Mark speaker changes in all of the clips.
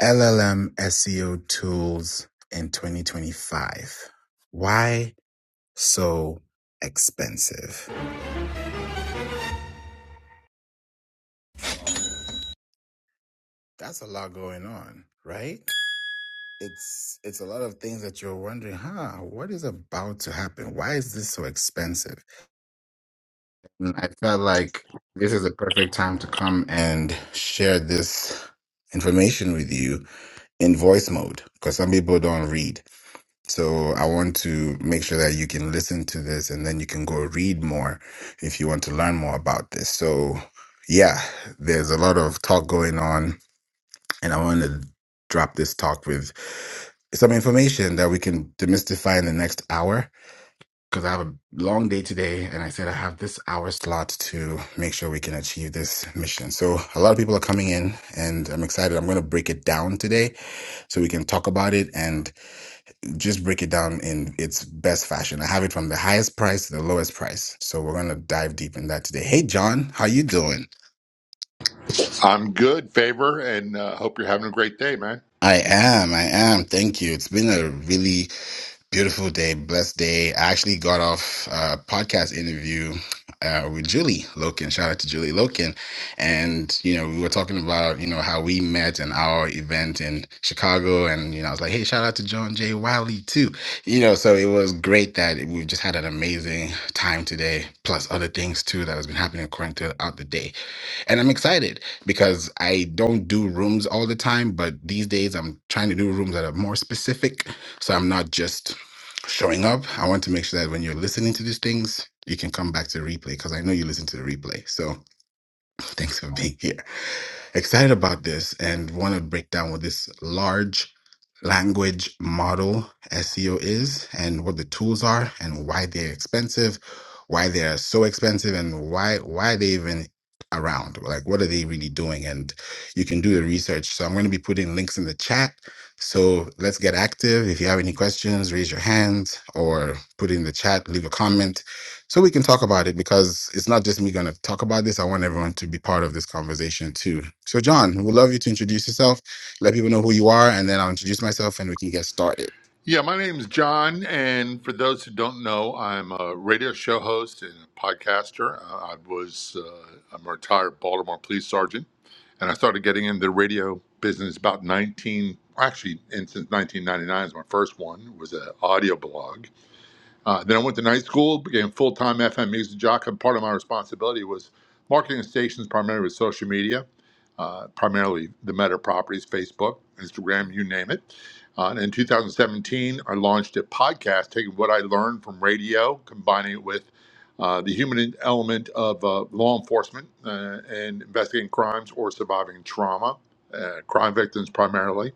Speaker 1: LLM SEO tools in 2025. Why so expensive? That's a lot going on, right? It's it's a lot of things that you're wondering, huh, what is about to happen? Why is this so expensive? And I felt like this is the perfect time to come and share this information with you in voice mode because some people don't read. So I want to make sure that you can listen to this and then you can go read more if you want to learn more about this. So, yeah, there's a lot of talk going on, and I want to drop this talk with some information that we can demystify in the next hour because I have a long day today and I said I have this hour slot to make sure we can achieve this mission. So a lot of people are coming in and I'm excited. I'm going to break it down today so we can talk about it and just break it down in its best fashion. I have it from the highest price to the lowest price. So we're gonna dive deep in that today. Hey John, how you doing?
Speaker 2: I'm good, Favor, and uh, hope you're having a great day, man.
Speaker 1: I am, I am. Thank you. It's been a really Beautiful day, blessed day. I actually got off a podcast interview uh, with Julie Loken. Shout out to Julie Loken. And, you know, we were talking about, you know, how we met and our event in Chicago. And, you know, I was like, hey, shout out to John J. Wiley, too. You know, so it was great that we've just had an amazing time today, plus other things, too, that has been happening according throughout the day. And I'm excited because I don't do rooms all the time, but these days I'm trying to do rooms that are more specific. So I'm not just showing up. I want to make sure that when you're listening to these things, you can come back to the replay because I know you listen to the replay. So thanks for being here excited about this and want to break down what this large language model SEO is and what the tools are and why they're expensive, why they're so expensive and why why they even around. Like what are they really doing? And you can do the research. So I'm going to be putting links in the chat. So let's get active. If you have any questions, raise your hand or put it in the chat, leave a comment so we can talk about it because it's not just me going to talk about this. I want everyone to be part of this conversation too. So, John, we'd love you to introduce yourself, let people know who you are, and then I'll introduce myself and we can get started.
Speaker 2: Yeah, my name's John, and for those who don't know, I'm a radio show host and a podcaster. Uh, I was uh, I'm a retired Baltimore police sergeant, and I started getting into the radio business about 19 actually, and since 1999 is my first one was an audio blog, Uh, then I went to night school, became full time FM music jock, and part of my responsibility was marketing stations primarily with social media, uh, primarily the Meta properties, Facebook, Instagram, you name it. Uh, and in 2017, I launched a podcast taking what I learned from radio, combining it with uh, the human element of uh, law enforcement uh, and investigating crimes or surviving trauma, uh, crime victims primarily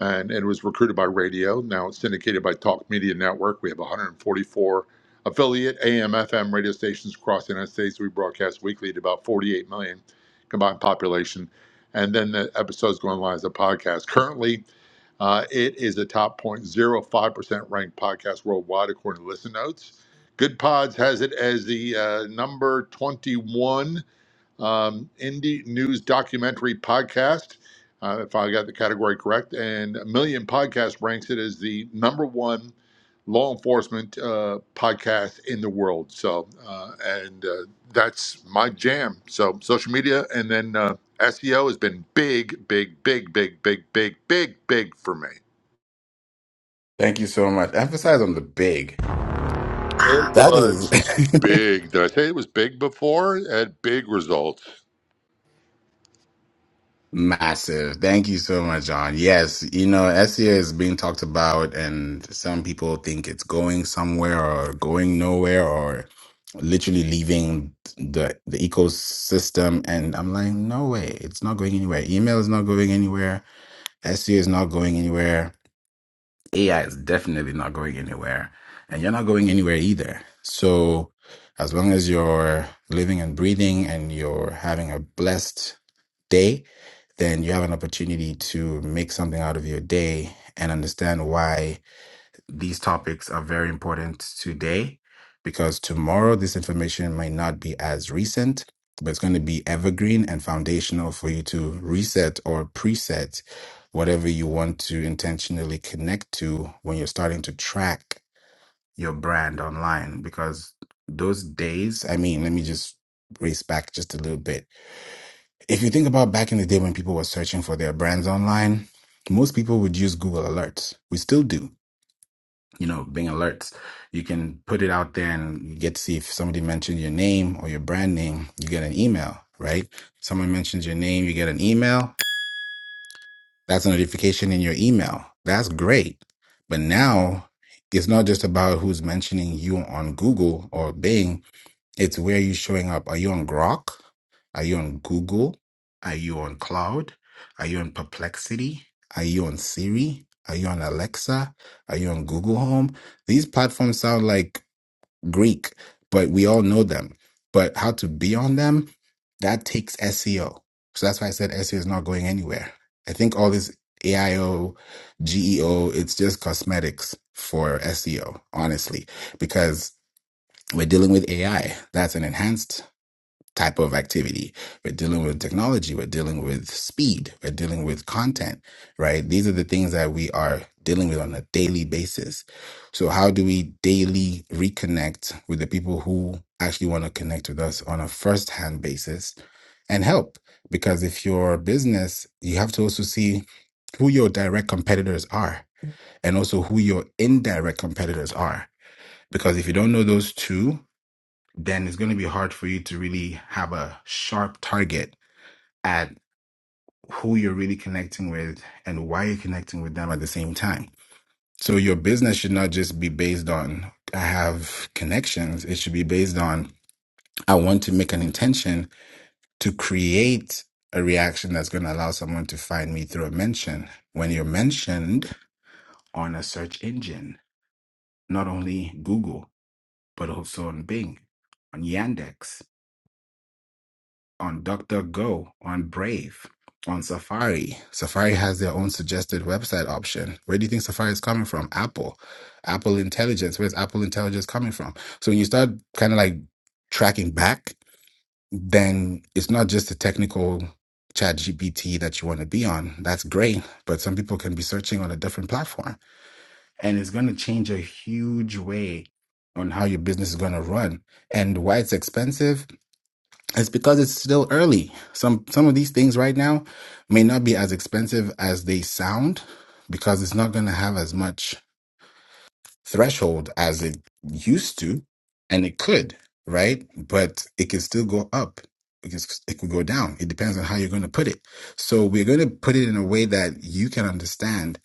Speaker 2: and, and it was recruited by radio. Now it's syndicated by Talk Media Network. We have 144 affiliate AM, FM radio stations across the United States. We broadcast weekly to about 48 million combined population. And then the episodes go online as a podcast. Currently, uh, it is a top 0.05% ranked podcast worldwide, according to Listen Notes. Good Pods has it as the uh, number 21 um, indie news documentary podcast, uh, if I got the category correct. And a million podcast ranks it as the number one law enforcement uh, podcast in the world. So, uh, and uh, that's my jam. So, social media and then uh, SEO has been big, big, big, big, big, big, big, big for me.
Speaker 1: Thank you so much. Emphasize on the big.
Speaker 2: It
Speaker 1: That
Speaker 2: was
Speaker 1: is.
Speaker 2: big. Did I say it was big before? It had big results.
Speaker 1: Massive. Thank you so much, John. Yes, you know, SEO is being talked about, and some people think it's going somewhere or going nowhere or literally leaving the the ecosystem. And I'm like, no way, it's not going anywhere. Email is not going anywhere. SEO is not going anywhere. AI is definitely not going anywhere. And you're not going anywhere either. So as long as you're living and breathing and you're having a blessed day, then you have an opportunity to make something out of your day and understand why these topics are very important today. Because tomorrow, this information might not be as recent, but it's going to be evergreen and foundational for you to reset or preset whatever you want to intentionally connect to when you're starting to track your brand online. Because those days, I mean, let me just race back just a little bit if you think about back in the day when people were searching for their brands online, most people would use Google Alerts. We still do, you know, Bing Alerts. You can put it out there and you get to see if somebody mentioned your name or your brand name, you get an email, right? Someone mentions your name, you get an email. That's a notification in your email. That's great. But now it's not just about who's mentioning you on Google or Bing, it's where you're showing up. Are you on Grok? Are you on Google? Are you on Cloud? Are you on Perplexity? Are you on Siri? Are you on Alexa? Are you on Google Home? These platforms sound like Greek, but we all know them. But how to be on them, that takes SEO. So that's why I said SEO is not going anywhere. I think all this AIO, GEO, it's just cosmetics for SEO, honestly, because we're dealing with AI. That's an enhanced type of activity. We're dealing with technology. We're dealing with speed. We're dealing with content, right? These are the things that we are dealing with on a daily basis. So, how do we daily reconnect with the people who actually want to connect with us on a first hand basis and help? Because if your business, you have to also see who your direct competitors are and also who your indirect competitors are. Because if you don't know those two, then it's going to be hard for you to really have a sharp target at who you're really connecting with and why you're connecting with them at the same time. So your business should not just be based on I have connections. It should be based on I want to make an intention to create a reaction that's going to allow someone to find me through a mention. When you're mentioned on a search engine, not only Google, but also on Bing, on Yandex. on Doctor Go, on Brave, on Safari. Safari has their own suggested website option. Where do you think Safari is coming from? Apple. Apple Intelligence. Where's Apple Intelligence coming from? So when you start kind of like tracking back, then it's not just the technical chat GPT that you want to be on. That's great. But some people can be searching on a different platform. And it's going to change a huge way on how your business is going to run. And why it's expensive it's because it's still early. Some some of these things right now may not be as expensive as they sound because it's not going to have as much threshold as it used to, and it could, right? But it can still go up. It can it could go down. It depends on how you're going to put it. So we're going to put it in a way that you can understand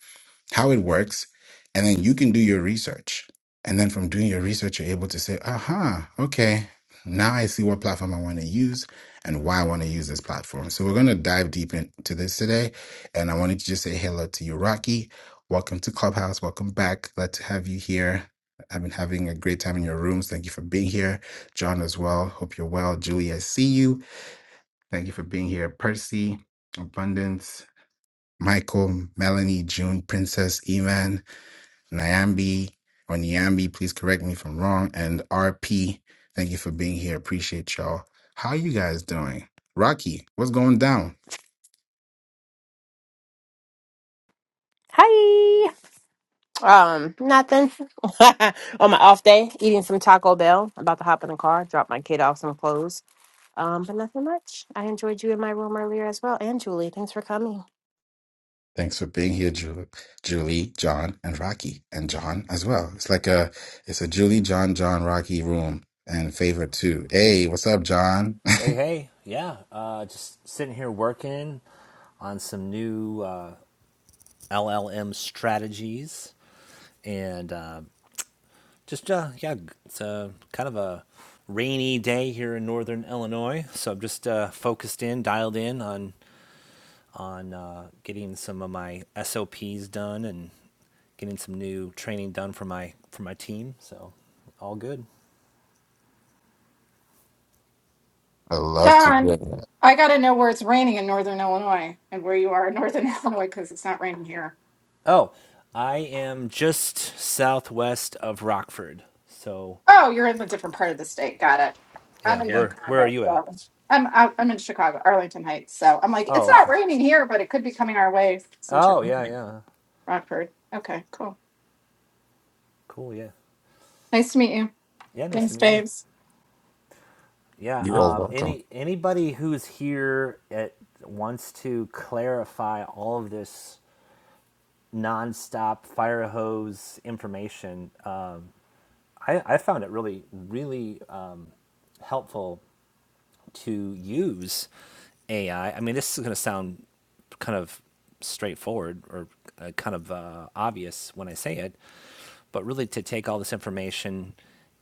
Speaker 1: how it works, and then you can do your research. And then from doing your research, you're able to say, aha, okay, now I see what platform I want to use and why I want to use this platform. So we're going to dive deep into this today. And I wanted to just say hello to you, Rocky. Welcome to Clubhouse. Welcome back. Glad to have you here. I've been having a great time in your rooms. Thank you for being here. John as well. Hope you're well. Julie, I see you. Thank you for being here. Percy, Abundance, Michael, Melanie, June, Princess, Eman. Nyambi or Nyambi, please correct me if I'm wrong. And RP, thank you for being here. Appreciate y'all. How you guys doing? Rocky, what's going down?
Speaker 3: Hi. Um, nothing. On my off day, eating some Taco Bell. About to hop in the car, drop my kid off some clothes. Um, but nothing much. I enjoyed you in my room earlier as well. And Julie, thanks for coming.
Speaker 1: Thanks for being here, Ju- Julie, John, and Rocky, and John as well. It's like a it's a Julie, John, John, Rocky room and favorite too. Hey, what's up, John?
Speaker 4: Hey, hey, yeah, uh, just sitting here working on some new uh, LLM strategies, and uh, just uh, yeah, it's a kind of a rainy day here in northern Illinois, so I'm just uh, focused in, dialed in on on uh, getting some of my SOPs done and getting some new training done for my for my team. So all good.
Speaker 1: I love to
Speaker 5: Don,
Speaker 1: hear that.
Speaker 5: I got to know where it's raining in Northern Illinois and where you are in Northern Illinois because it's not raining here.
Speaker 4: Oh, I am just southwest of Rockford, so
Speaker 5: Oh, you're in a different part of the state. Got it.
Speaker 4: Yeah,
Speaker 5: I'm in
Speaker 4: where where are
Speaker 5: Chicago.
Speaker 4: you at?
Speaker 5: So I'm out, I'm in Chicago, Arlington Heights. So I'm like, it's
Speaker 4: Oh,
Speaker 5: not
Speaker 4: okay.
Speaker 5: raining here, but it could be coming our way since you're
Speaker 4: Oh, yeah, yeah.
Speaker 5: from Rockford. Okay, cool.
Speaker 4: Cool, yeah.
Speaker 5: Nice to meet you.
Speaker 4: Yeah, nice to
Speaker 5: Thanks,
Speaker 4: meet you.
Speaker 5: babes.
Speaker 4: Yeah,
Speaker 1: You're
Speaker 4: um,
Speaker 1: welcome.
Speaker 4: any anybody who's here at wants to clarify all of this nonstop fire hose information, uh, I, I found it really, really uh, helpful to use AI. I I mean, this is going to sound kind of straightforward or uh, kind of uh, obvious when I say it, but really to take all this information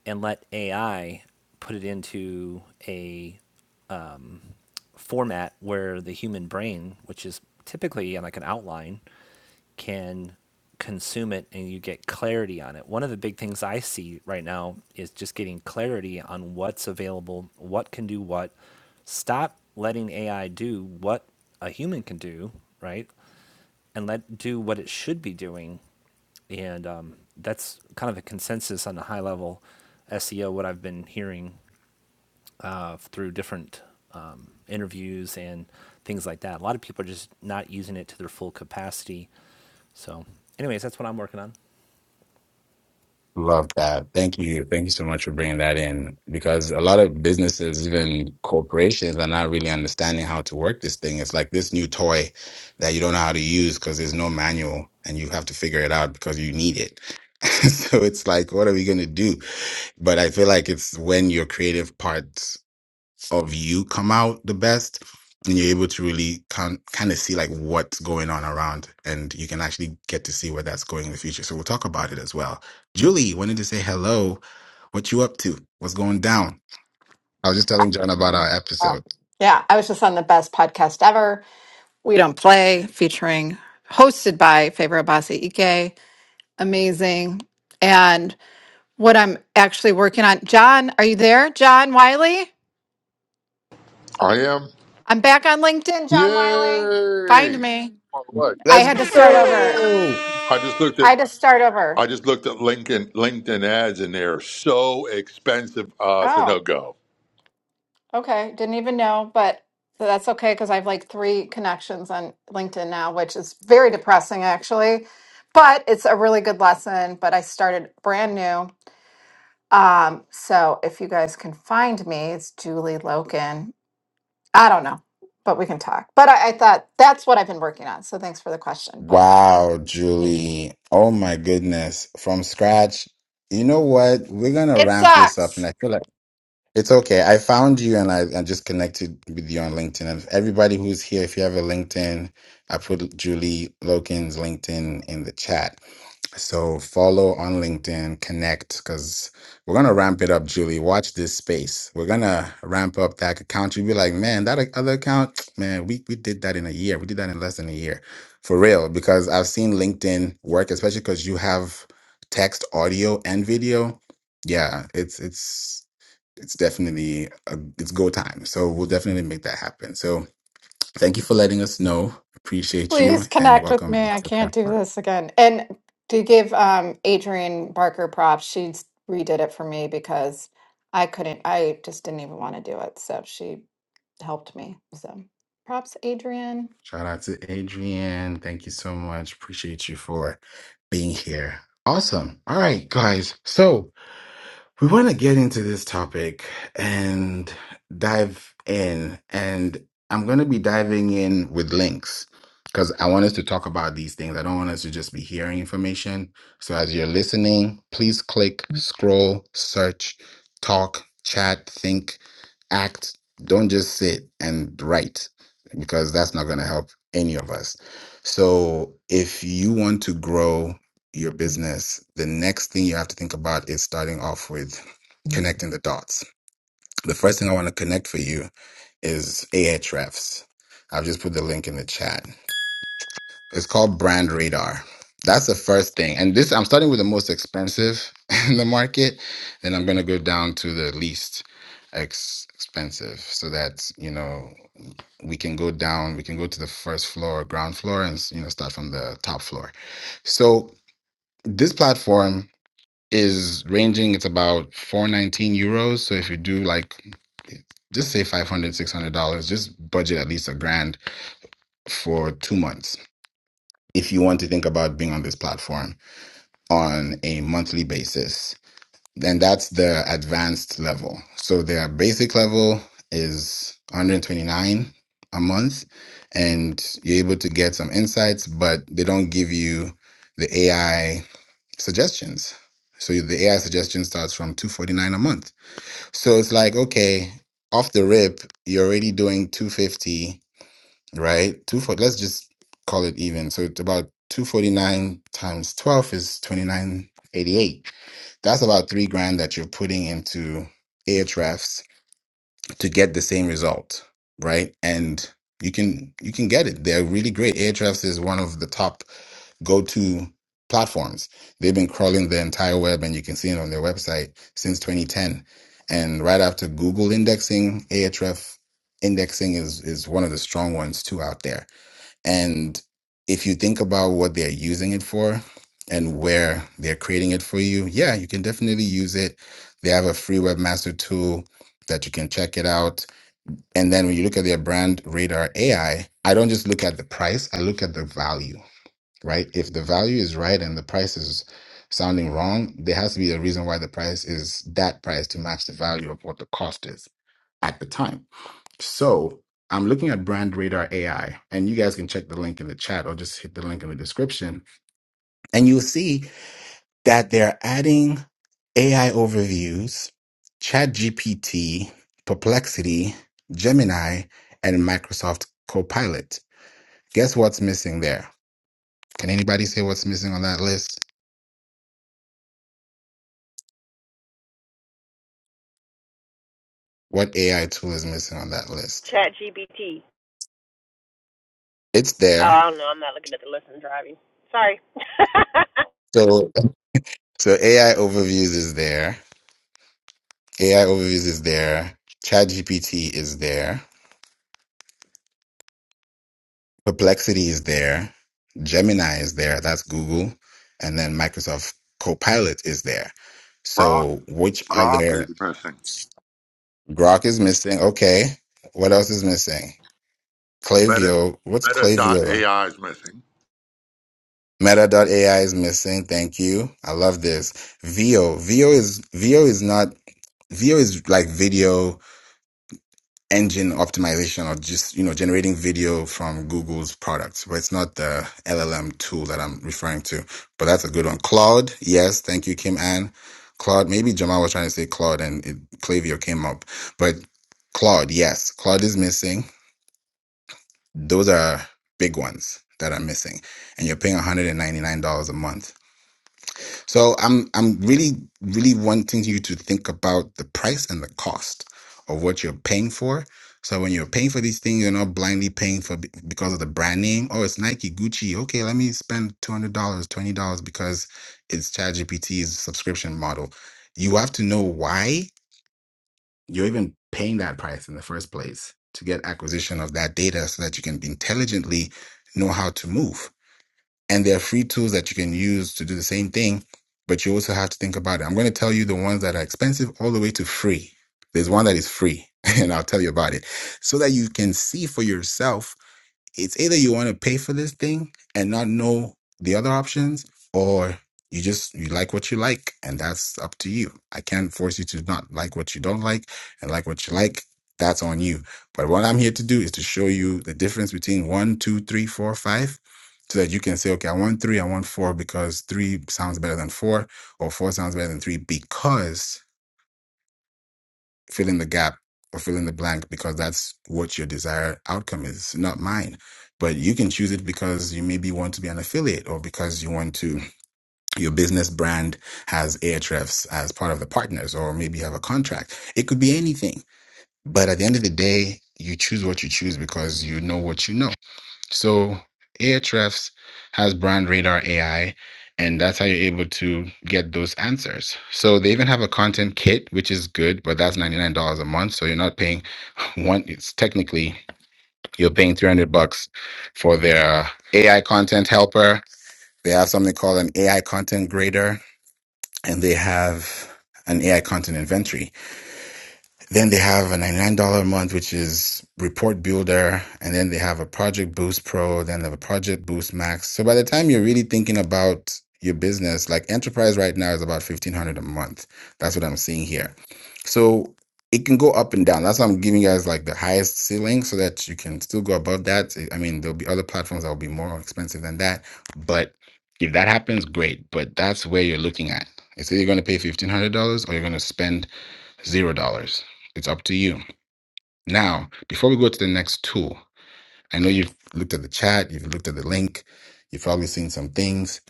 Speaker 4: and let AI put it into a format where the human brain, which is typically yeah, like an outline, can consume it and you get clarity on it. One of the big things I see right now is just getting clarity on what's available, what can do what. Stop letting AI do what a human can do, right? And let do what it should be doing. And um, that's kind of a consensus on the high level SEO, what I've been hearing uh, through different um, interviews and things like that. A lot of people are just not using it to their full capacity. So, anyways, that's what I'm working on.
Speaker 1: Love that. Thank you. Thank you so much for bringing that in because a lot of businesses, even corporations, are not really understanding how to work this thing. It's like this new toy that you don't know how to use because there's no manual and you have to figure it out because you need it. so it's like, what are we going to do? But I feel like it's when your creative part of you come out the best and you're able to really kind kind of see like what's going on around and you can actually get to see where that's going in the future so we'll talk about it as well julie wanted to say hello what you up to what's going down I was just telling John about our
Speaker 5: Oh,
Speaker 1: episode.
Speaker 5: yeah. I was just on the best podcast ever. We don't play, featuring hosted by Favor Abasi Ike. Amazing. what I'm actually working on. John, are you there? John Wiley?
Speaker 2: I am.
Speaker 5: I'm back on LinkedIn, John Wiley. Find
Speaker 2: Yay!
Speaker 5: me.
Speaker 2: By the way,
Speaker 5: I
Speaker 1: Let's
Speaker 5: had to start over.
Speaker 1: go!
Speaker 2: I just looked
Speaker 5: I
Speaker 2: at
Speaker 5: had to start over.
Speaker 2: I just looked at LinkedIn LinkedIn ads and they're so expensive. Uh, it's a no
Speaker 5: Oh,
Speaker 2: go.
Speaker 5: okay. Didn't even know, but so that's okay because I have like three connections on LinkedIn now, which is very depressing actually. But it's a really good lesson. But I started brand new. Um, so if you guys can find me, it's Julie Loken I don't know, but we can talk. But I, I thought that's what I've been working on. So thanks for the question. Bye.
Speaker 1: wow
Speaker 5: Thank
Speaker 1: julie oh my goodness from scratch you know what we're gonna
Speaker 5: you. It
Speaker 1: ramp this up and
Speaker 5: sucks.
Speaker 1: i feel like It's okay. I found you and I, I just connected with you on LinkedIn. And everybody who's here, if you have a LinkedIn, I put Julie Loken's LinkedIn in the chat. So follow on LinkedIn, connect, because we're gonna ramp it up, Julie. Watch this space. We're gonna ramp up that account. You'll be like, man, that other account, man, we we did that in a year. We did that in less than a year, for real. Because I've seen LinkedIn work, especially because you have text, audio, and video. Yeah, it's it's it's definitely a, it's go time. So we'll definitely make that happen. So thank you for letting us know. Appreciate you
Speaker 5: Please
Speaker 1: and
Speaker 5: connect with
Speaker 1: welcome.
Speaker 5: me.
Speaker 1: back
Speaker 5: I
Speaker 1: to the
Speaker 5: can't do
Speaker 1: platform.
Speaker 5: this again. And to give um, Adrienne Barker props, she redid it for me because I couldn't, I just didn't even want to do it. So she helped me. So props, Adrienne.
Speaker 1: Shout out to Adrian. Thank you so much. Appreciate you for being here. Awesome. All right, guys. So We want to get into this topic and dive in. And I'm going to be diving in with links because I want us to talk about these things. I don't want us to just be hearing information. So as you're listening, please click, scroll, search, talk, chat, think, act. Don't just sit and write because that's not going to help any of us. So if you want to grow, your business, the next thing you have to think about is starting off with connecting the dots. The first thing I want to connect for you is Ahrefs. I've just put the link in the chat. It's called Brand Radar. That's the first thing. And this, I'm starting with the most expensive in the market. Then I'm going to go down to the least ex- expensive so that, you know, we can go down, we can go to the first floor, ground floor, and, you know, start from the top floor. So this platform is ranging it's about 419 euros so if you do like just say 500 600 dollars just budget at least a grand for two months if you want to think about being on this platform on a monthly basis then that's the advanced level so their basic level is 129 a month and you're able to get some insights but they don't give you the ai suggestions. So the AI suggestion starts from 249 a month. So it's like, okay, off the rip, you're already doing 250, right? Two for let's just call it even. So it's about 249 times 12 is 2988. That's about three grand that you're putting into Ahrefs to get the same result, right? And you can you can get it. They're really great. Ahrefs is one of the top go to platforms. They've been crawling the entire web, and you can see it on their website since 2010. And right after Google indexing, Ahrefs indexing is is one of the strong ones too out there. And if you think about what they're using it for and where they're creating it for you, yeah, you can definitely use it. They have a free webmaster tool that you can check it out. And then when you look at their brand radar AI, I I don't just look at the price, I look at the value right? If the value is right and the price is sounding wrong, there has to be a reason why the price is that price to match the value of what the cost is at the time. So I'm looking at Brand Radar AI, and you guys can check the link in the chat or just hit the link in the description, and you'll see that they're adding AI overviews, Chat GPT, Perplexity, Gemini, and Microsoft Copilot. Guess what's missing there? Can anybody say what's missing on that list? What AI tool is missing on that list?
Speaker 3: Chat GPT.
Speaker 1: It's there.
Speaker 3: Oh, no, I'm not looking at the list. I'm driving. Sorry.
Speaker 1: So so AI overviews is there. AI overviews is there. ChatGPT is there. Perplexity is there. Gemini is there. That's Google. And then Microsoft Copilot is there.
Speaker 2: Grok
Speaker 1: So which
Speaker 2: Grok
Speaker 1: other
Speaker 2: is missing.
Speaker 1: Grok is missing? Okay. What else is missing?
Speaker 2: Meta
Speaker 1: Clavio. What's Clavio?
Speaker 2: Meta.ai is missing.
Speaker 1: Meta.ai is missing. Thank you. I love this. VO. VO is VO is not VO is like video engine optimization or just, you know, generating video from Google's products, but it's not the LLM tool that I'm referring to. But that's a good one. Claude, yes, thank you, Kim Ann. Claude, maybe Jamal was trying to say Claude and it, Clavio came up. But Claude, yes, Claude is missing. Those are big ones that are missing. And you're paying $199 a month So I'm I'm really really wanting you to think about the price and the cost of what you're paying for. So when you're paying for these things, you're not blindly paying for be- because of the brand name. Oh, it's Nike, Gucci. Okay, let me spend two hundred dollars, twenty dollars because it's ChatGPT's subscription model. You have to know why you're even paying that price in the first place to get acquisition of that data, so that you can intelligently know how to move. And there are free tools that you can use to do the same thing, but you also have to think about it. I'm going to tell you the ones that are expensive all the way to free. There's one that is free, and I'll tell you about it so that you can see for yourself it's either you want to pay for this thing and not know the other options or you just you like what you like and that's up to you i can't force you to not like what you don't like and like what you like that's on you but what i'm here to do is to show you the difference between one two three four five so that you can say okay i want three i want four because three sounds better than four or four sounds better than three because fill in the gap or fill in the blank because that's what your desired outcome is, not mine. But you can choose it because you maybe want to be an affiliate or because you want to, your business brand has Ahrefs as part of the partners or maybe you have a contract. It could be anything. But at the end of the day, you choose what you choose because you know what you know. So Ahrefs has Brand Radar AI, and that's how you're able to get those answers. So they even have a content kit, which is good, but that's ninety nine dollars a month. So you're not paying one. It's technically you're paying three hundred bucks for their AI content helper. They have something called an AI content grader, and they have an AI content inventory. Then they have a $99 a month, which is Report Builder. And then they have a Project Boost Pro, then they have a Project Boost Max. So by the time you're really thinking about your business, like enterprise right now is about 1500 a month. That's what I'm seeing here. So it can go up and down. That's why I'm giving you guys like the highest ceiling so that you can still go above that. I mean, there'll be other platforms that will be more expensive than that. But if that happens, great. But that's where you're looking at. It's either you're going to pay $1,500 or you're going to spend zero dollars. It's up to you. Now, before we go to the next tool, I know you've looked at the chat, you've looked at the link, you've probably seen some things.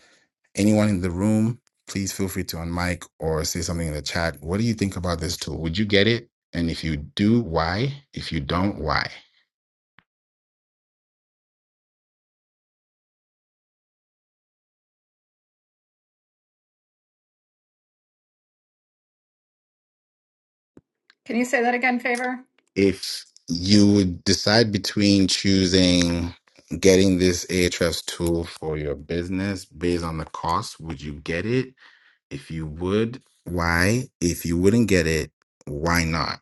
Speaker 1: Anyone in the room, please feel free to unmic or say something in the chat. What do you think about this tool? Would you get it? And if you do, why? If you don't, why?
Speaker 5: Can you say that again, favor?
Speaker 1: if you would decide between choosing getting this AHS tool for your business based on the cost, would you get it? If you would, why? If you wouldn't get it, why not?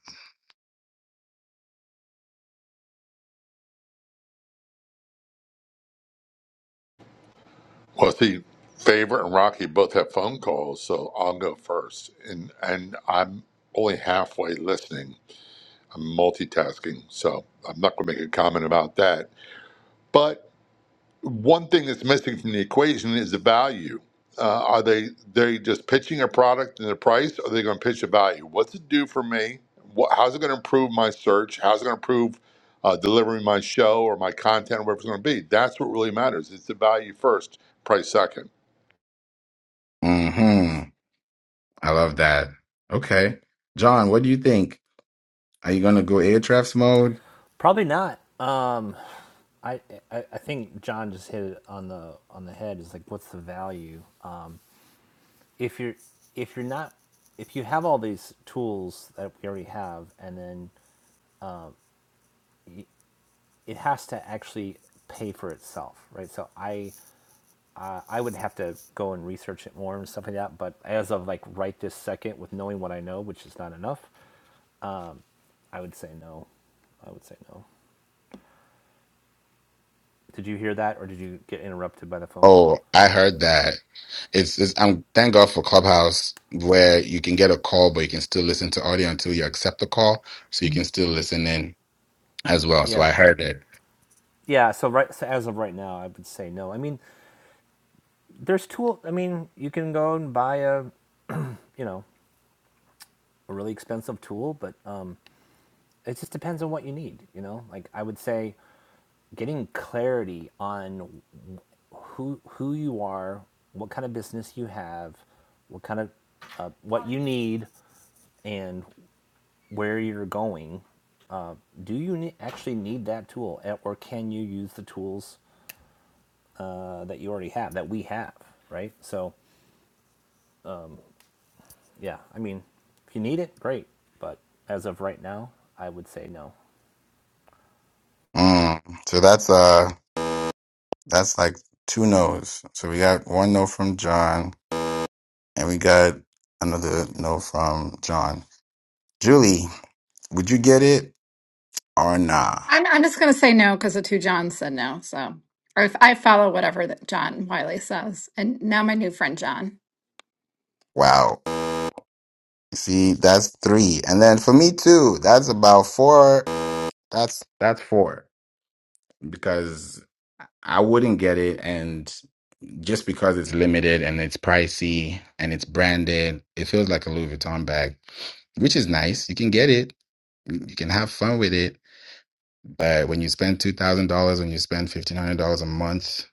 Speaker 2: Well, see, Favorite and Rocky both have phone calls, so I'll go first. And and I'm only halfway listening. I'm multitasking, so I'm not going to make a comment about that. But one thing that's missing from the equation is the value. Uh, are they they just pitching a product and a price? Or are they going to pitch a value? What's it do for me? What, how's it going to improve my search? How's it going to improve uh, delivering my show or my content, whatever it's going to be? That's what really matters. It's the value first, price second.
Speaker 1: Mm-hmm. I love that. Okay. John, what do you think? Are you gonna go Ahrefs mode?
Speaker 4: Probably not. Um, I, I I think John just hit it on the on the head. Is like, what's the value? Um, if you're if you're not if you have all these tools that we already have, and then it has to actually pay for itself, right? So I I would have to go and research it more and stuff like that. But as of like right this second, with knowing what I know, which is not enough, I would say no. I would say no. Did you hear that, or did you get interrupted by the phone
Speaker 1: Oh,
Speaker 4: call?
Speaker 1: I heard that. It's, it's I'm thank God for Clubhouse where you can get a call but you can still listen to audio until you accept the call. So you can still listen in. as well. So I
Speaker 4: Yeah,
Speaker 1: heard it.
Speaker 4: yeah. So right, so as of right now, I would say no. I mean, there's tool. I mean, you can go and buy a, you know, a really expensive tool, but um, it just depends on what you need. You know, like I would say, getting clarity on who who you are, what kind of business you have, what kind of uh, what you need, and where you're going. Uh, do you ne- actually need that tool, eh, or can you use the tools uh, that you already have that we have? Right. So yeah, I mean, if you need it, great. But as of right now, I would say no.
Speaker 1: Um, so that's uh that's like two no's. So we got one no from John and we got another no from John. Julie, would you get it or nah?
Speaker 5: I'm, I'm just going to say no because the two Johns said no. So or if I follow whatever that John Wiley says. And now my new friend, John.
Speaker 1: Wow. See, that's three. And then for me too, that's about four. That's that's four. Because I wouldn't get it. And just because it's limited and it's pricey and it's branded, it feels like a Louis Vuitton bag, which is nice. You can get it you can have fun with it, but when you spend two thousand dollars, when you spend fifteen hundred dollars a month,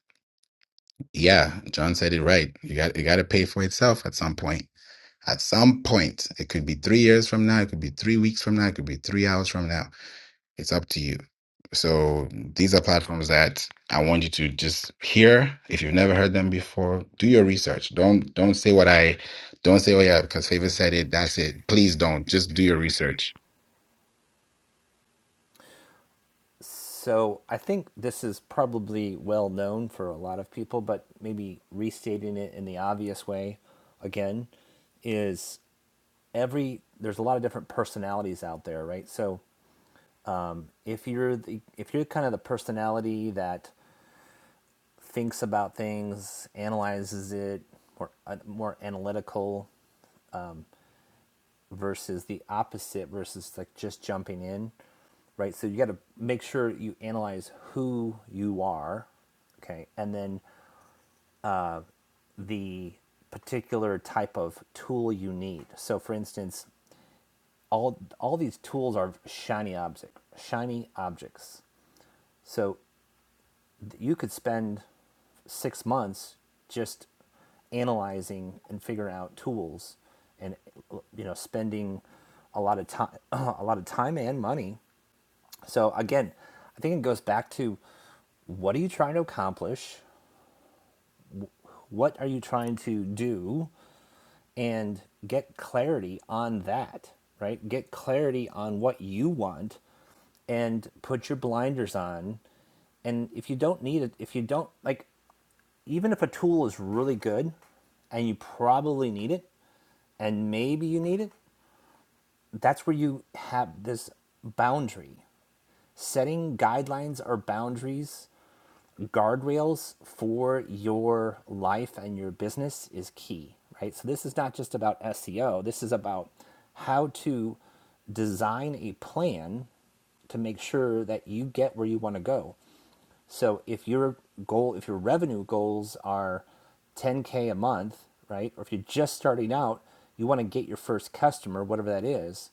Speaker 1: yeah, John said it right. You got you got to pay for itself at some point. At some point, it could be three years from now, it could be three weeks from now, it could be three hours from now. It's up to you. So these are platforms that I want you to just hear. If you've never heard them before, do your research. Don't don't say what I don't say. Oh yeah, because Favor said it. That's it. Please don't. Just do your research.
Speaker 4: So I think this is probably well known for a lot of people, but maybe restating it in the obvious way again is every there's a lot of different personalities out there, right? So if you're the if you're kind of the personality that thinks about things, analyzes it, more uh, more analytical versus the opposite versus like just jumping in, right? So you got to make sure you analyze who you are, okay, and then the particular type of tool you need. So, for instance, all all these tools are shiny object, shiny objects. So you could spend six months just analyzing and figuring out tools, and you know, spending a lot of time, a lot of time and money. So again, I think it goes back to what are you trying to accomplish? What are you trying to do? and get clarity on that, right? Get clarity on what you want and put your blinders on. And if you don't need it, if you don't like, even if a tool is really good and you probably need it and maybe you need it, that's where you have this boundary. Setting guidelines or boundaries guardrails for your life and your business is key, right? So this is not just about SEO. This is about how to design a plan to make sure that you get where you want to go. So if your goal, if your revenue goals are 10k a month, right? Or if you're just starting out, you want to get your first customer, whatever that is,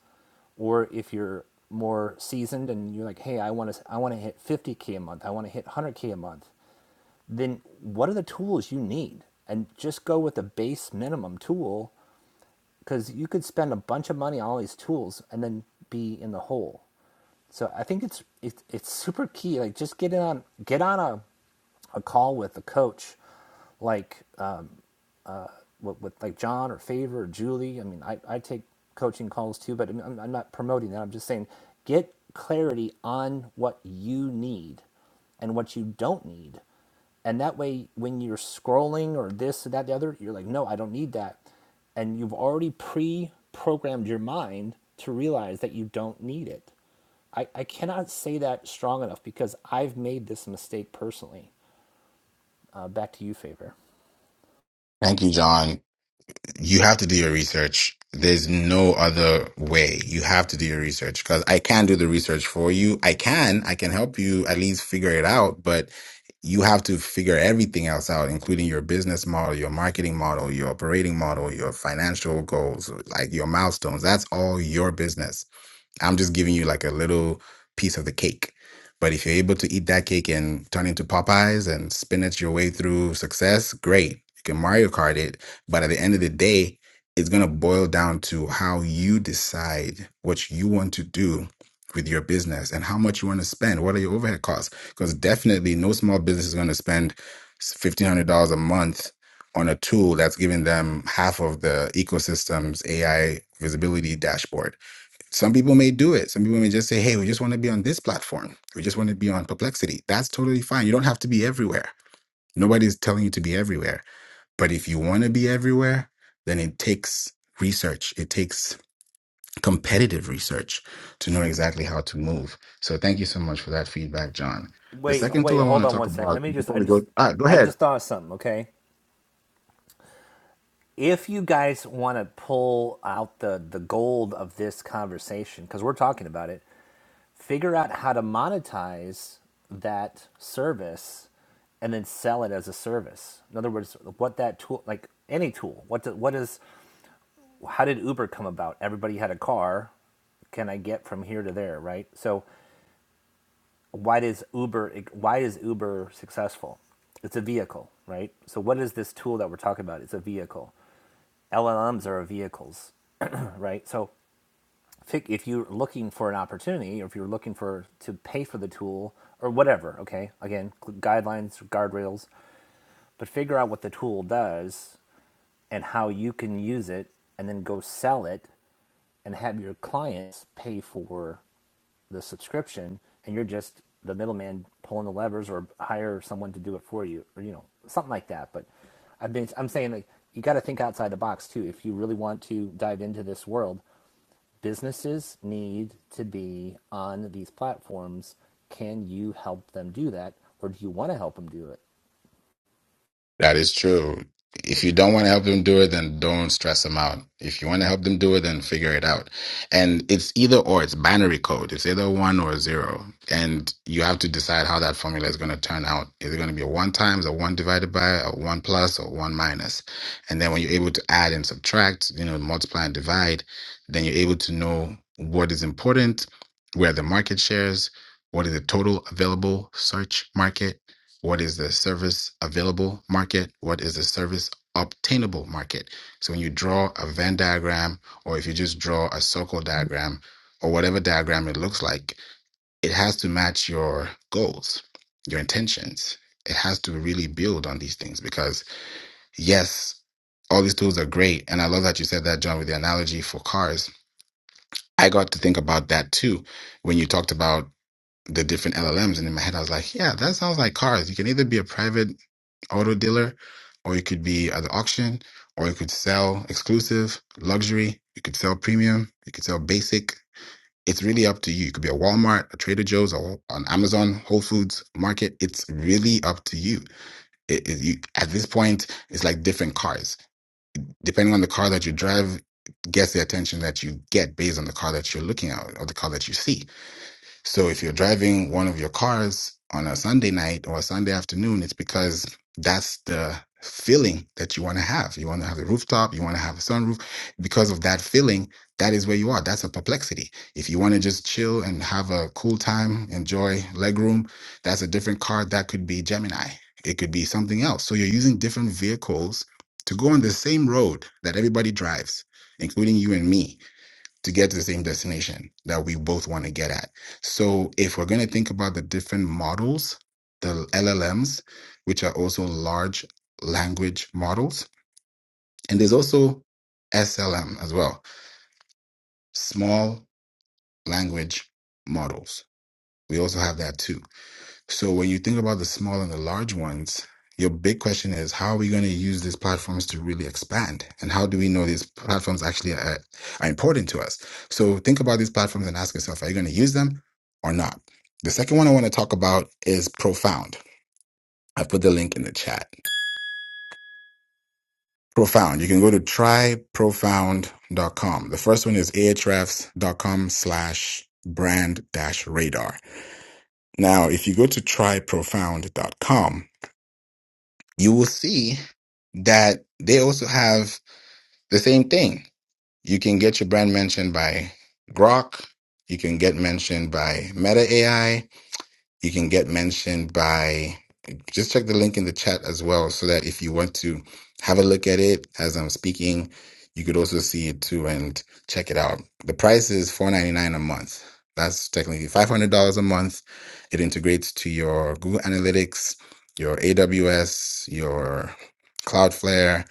Speaker 4: or if you're more seasoned and you're like, "Hey, I want to I want to hit 50k a month. I want to hit 100k a month." then what are the tools you need? And just go with a base minimum tool because you could spend a bunch of money on all these tools and then be in the hole. So I think it's it's it's super key. Like just get in on get on a a call with a coach, like with, with like John or Favor or Julie. I mean, I, I take coaching calls too, but I am I'm not promoting that. I'm just saying get clarity on what you need and what you don't need. And that way, when you're scrolling or this, or that, the other, you're like, no, I don't need that. And you've already pre programmed your mind to realize that you don't need it. I, I cannot say that strong enough because I've made this mistake personally. Uh, back to you, Favor.
Speaker 1: Thank you, John. you have to do your research. There's no other way. You have to do your research because I can do the research for you. I can, I can help you at least figure it out, but you have to figure everything else out, including your business model, your marketing model, your operating model, your financial goals, like your milestones. That's all your business. I'm just giving you like a little piece of the cake. But if you're able to eat that cake and turn into Popeyes and spinach your way through success, great. You can Mario Kart it. But at the end of the day, it's going to boil down to how you decide what you want to do with your business and how much you want to spend. What are your overhead costs? Because definitely no small business is going to spend $1,500 a month on a tool that's giving them half of the ecosystem's AI visibility dashboard some people may do it. Some people may just say, hey, we just want to be on this platform. We just want to be on Perplexity. That's totally fine. You don't have to be everywhere. Nobody's telling you to be everywhere. But if you want to be everywhere, then it takes research, it takes competitive research to know exactly how to move. So thank you so much for that feedback, John. The
Speaker 4: Wait,
Speaker 1: second tool
Speaker 4: wait,
Speaker 1: I want
Speaker 4: hold
Speaker 1: to
Speaker 4: on
Speaker 1: talk
Speaker 4: one second.
Speaker 1: about
Speaker 4: Let me just
Speaker 1: before
Speaker 4: I
Speaker 1: we go,
Speaker 4: just
Speaker 1: ah, go
Speaker 4: I
Speaker 1: ahead.
Speaker 4: just thought of something, okay? If you guys want to pull out the the gold of this conversation cuz we're talking about it, figure out how to monetize that service and then sell it as a service. In other words, what that tool like any tool, what do, what is how did Uber come about? Everybody had a car, can I get from here to there, right? So why does Uber why is Uber successful? It's a vehicle, right? So what is this tool that we're talking about? It's a vehicle. LLMs are vehicles, right? So if you're looking for an opportunity or if you're looking for to pay for the tool or whatever, okay? Again, guidelines, guardrails, but figure out what the tool does and how you can use it and then go sell it and have your clients pay for the subscription and you're just the middleman pulling the levers or hire someone to do it for you or you know something like that but i've been i'm saying like you got to think outside the box too if you really want to dive into this world businesses need to be on these platforms can you help them do that or do you want to help them do it
Speaker 1: That is true. If you don't want to help them do it, then don't stress them out. If you want to help them do it, then figure it out. And it's either or, it's binary code. It's either one or zero. And you have to decide how that formula is going to turn out. Is it going to be a one times, a one divided by, a one plus, or one minus? And then when you're able to add and subtract, you know, multiply and divide, then you're able to know what is important, where the market shares, what is the total available search market what is the service available market? What is the service obtainable market? So when you draw a Venn diagram, or if you just draw a circle diagram, or whatever diagram it looks like, it has to match your goals, your intentions. It has to really build on these things because, yes, all these tools are great. And I love that you said that, John, with the analogy for cars. I got to think about that too when you talked about the different LLMs. And in my head, I was like, yeah, that sounds like cars. You can either be a private auto dealer, or it could be at the auction, or you could sell exclusive, luxury, you could sell premium, you could sell basic. It's really up to you. It could be a Walmart, a Trader Joe's, or an Amazon, Whole Foods market. It's really up to you. It, it, you. At this point, it's like different cars. Depending on the car that you drive, gets the attention that you get based on the car that you're looking at or the car that you see so if you're driving one of your cars on a Sunday night or a Sunday afternoon, it's because that's the feeling that you want to have. You want to have a rooftop, you want to have a sunroof. Because of that feeling, that is where you are. That's a perplexity. If you want to just chill and have a cool time, enjoy legroom, that's a different car. That could be Gemini. It could be something else. So you're using different vehicles to go on the same road that everybody drives, including you and me to get to the same destination that we both want to get at. So if we're going to think about the different models, the LLMs, which are also large language models, and there's also SLM as well, small language models. We also have that too. So when you think about the small and the large ones, your big question is how are we going to use these platforms to really expand? And how do we know these platforms actually are, are important to us? So think about these platforms and ask yourself, are you going to use them or not? The second one I want to talk about is Profound. I put the link in the chat. Profound. You can go to tryprofound.com. The first one is ahrefs.com slash brand dash radar. Now, if you go to tryprofound.com, you will see that they also have the same thing. You can get your brand mentioned by Grok. You can get mentioned by Meta AI you can get mentioned by just check the link in the chat as well so that if you want to have a look at it as I'm speaking, you could also see it too and check it out. The price is four ninety nine a month. That's technically $500 a month. It integrates to your Google Analytics, your AWS, your Cloudflare.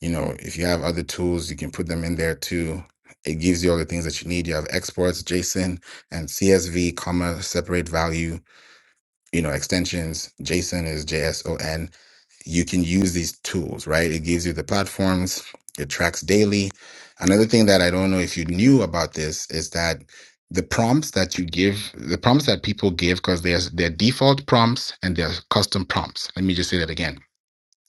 Speaker 1: You know, if you have other tools, you can put them in there too. It gives you all the things that you need. You have exports, JSON, and CSV, comma, separate value you know, extensions. JSON is JSON. You can use these tools, right? It gives you the platforms. It tracks daily. Another thing that I don't know if you knew about this is that the prompts that you give, the prompts that people give, because there's their default prompts and their custom prompts. Let me just say that again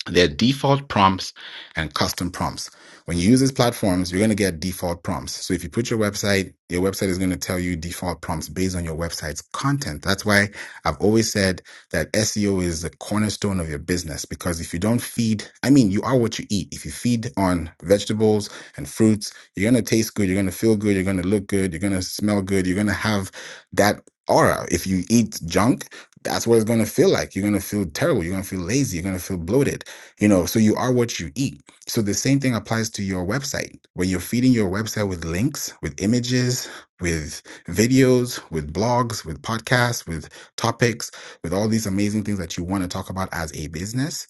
Speaker 1: they're default prompts and custom prompts. When you use these platforms, you're going to get default prompts. So if you put your website, your website is going to tell you default prompts based on your website's content. That's why I've always said that SEO is the cornerstone of your business because if you don't feed, I mean, you are what you eat. If you feed on vegetables and fruits, you're going to taste good. You're going to feel good. You're going to look good. You're going to smell good. You're going to have that aura. If you eat junk, that's what it's going to feel like. You're going to feel terrible. You're going to feel lazy. You're going to feel bloated you know, so you are what you eat. So the same thing applies to your website. When you're feeding your website with links, with images, with videos, with blogs, with podcasts, with topics, with all these amazing things that you want to talk about as a business,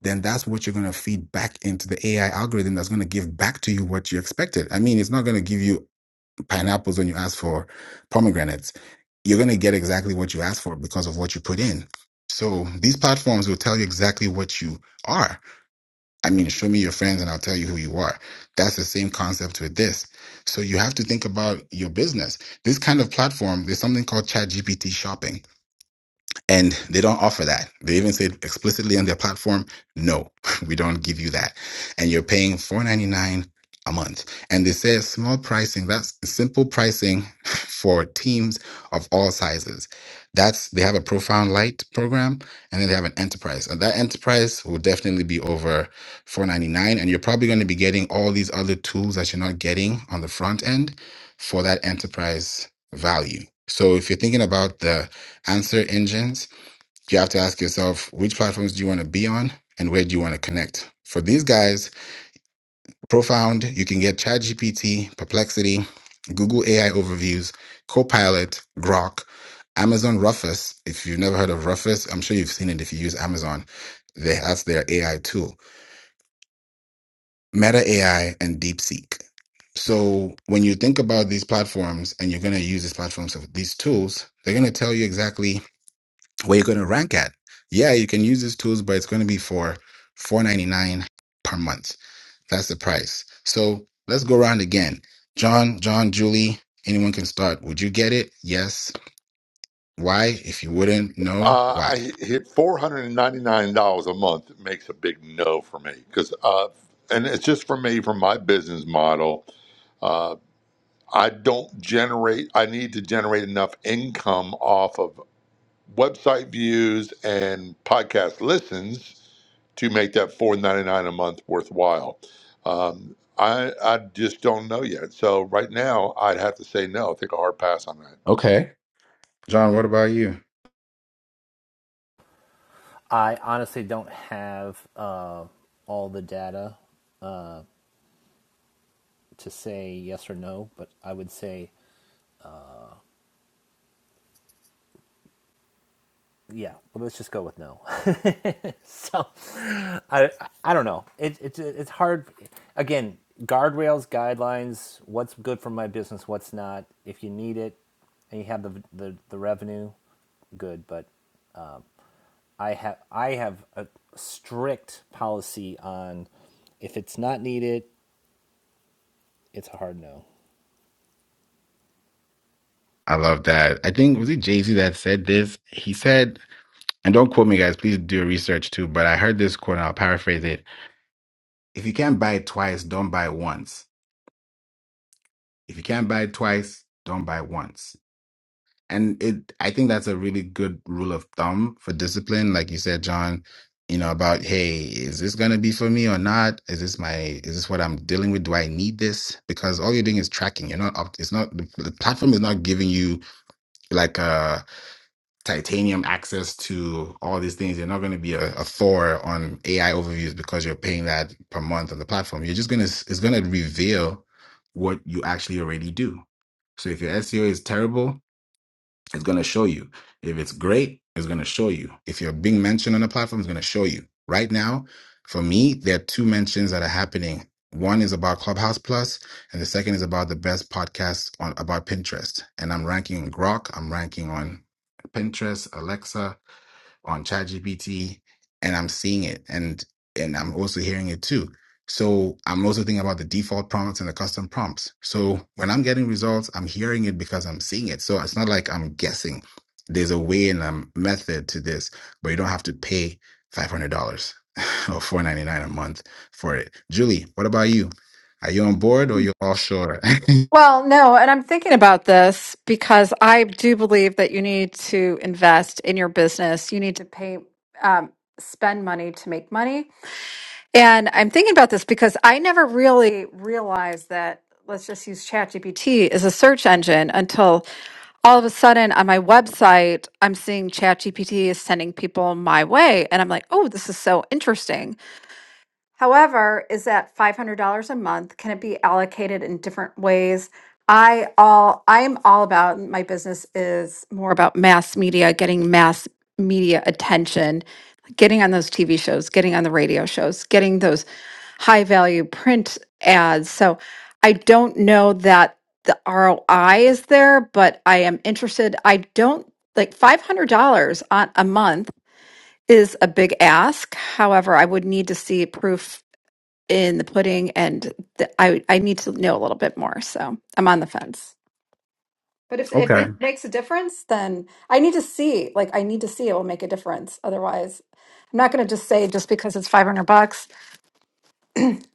Speaker 1: then that's what you're going to feed back into the AI algorithm that's going to give back to you what you expected. I mean, it's not going to give you pineapples when you ask for pomegranates. You're going to get exactly what you asked for because of what you put in. So these platforms will tell you exactly what you are I mean, show me your friends and I'll tell you who you are. That's the same concept with this. So you have to think about your business. This kind of platform, there's something called ChatGPT shopping. And they don't offer that. They even said explicitly on their platform, no, we don't give you that. And you're paying $4.99 a month. And they say small pricing, that's simple pricing for teams of all sizes. That's they have a profound light program and then they have an enterprise. And that enterprise will definitely be over $4.99. And you're probably going to be getting all these other tools that you're not getting on the front end for that enterprise value. So if you're thinking about the answer engines, you have to ask yourself which platforms do you want to be on and where do you want to connect for these guys profound you can get chatgpt perplexity google ai overviews copilot grok amazon rufus if you've never heard of rufus i'm sure you've seen it if you use amazon they, that's their ai tool meta ai and deepseek so when you think about these platforms and you're going to use these platforms of these tools they're going to tell you exactly where you're going to rank at. Yeah, you can use these tools, but it's going to be for four ninety nine per month. That's the price. So let's go around again. John, John, Julie, anyone can start. Would you get it? Yes. Why? If you wouldn't, no.
Speaker 2: Uh,
Speaker 1: Why?
Speaker 2: I hit four hundred and ninety nine dollars a month makes a big no for me because, uh, and it's just for me from my business model. Uh, I don't generate, I need to generate enough income off of website views and podcast listens to make that four ninety nine a month worthwhile. Um, I, I just don't know yet. So right now I'd have to say no, take a hard pass on that.
Speaker 1: Okay. John, what about you?
Speaker 4: i honestly don't have uh, all the data uh, to say yes or no but i would say yeah well, let's just go with no so i i don't know it, it it's hard again guardrails guidelines what's good for my business what's not if you need it and you have the the, the revenue good but um, i have i have a strict policy on if it's not needed it's a hard no
Speaker 1: I love that. I think was it Jay Z that said this. He said, and don't quote me, guys. Please do your research too. But I heard this quote, and I'll paraphrase it. If you can't buy it twice, don't buy it once. If you can't buy it twice, don't buy it once and it i think that's a really good rule of thumb for discipline like you said john you know about hey is this going to be for me or not is this my is this what i'm dealing with do i need this because all you're doing is tracking you're not up it's not the, the platform is not giving you like a titanium access to all these things you're not going to be a, a thor on ai overviews because you're paying that per month on the platform you're just going to it's going to reveal what you actually already do so if your seo is terrible it's going to show you. If it's great, it's going to show you. If you're being mentioned on a platform, it's going to show you. Right now, for me, there are two mentions that are happening. One is about Clubhouse Plus, and the second is about the best podcast on about Pinterest. And I'm ranking on Grok. I'm ranking on Pinterest, Alexa on ChatGPT, and I'm seeing it, and and I'm also hearing it too. So I'm also thinking about the default prompts and the custom prompts. So when I'm getting results, I'm hearing it because I'm seeing it. So it's not like I'm guessing. There's a way and a method to this, but you don't have to pay five hundred dollars or four ninety nine a month for it. Julie, what about you? Are you on board or you're offshore?
Speaker 5: Well, no, and I'm thinking about this because I do believe that you need to invest in your business. You need to pay, um, spend money to make money. And I'm thinking about this because I never really realized that, let's just use ChatGPT as a search engine until all of a sudden on my website, I'm seeing ChatGPT is sending people my way. And I'm like, oh, this is so interesting. However, is that $500 a month? Can it be allocated in different ways? I all I am all about my business is more about mass media, getting mass media attention, getting on those TV shows, getting on the radio shows, getting those high value print ads. So I don't know that the ROI is there, but I am interested. I don't like $500 on a month is a big ask. However, I would need to see proof in the pudding, and th- I I need to know a little bit more. So I'm on the fence. But if if it makes a difference, then I need to see. Like I need to see it will make a difference. Otherwise, I'm not going to just say just because it's 500 bucks.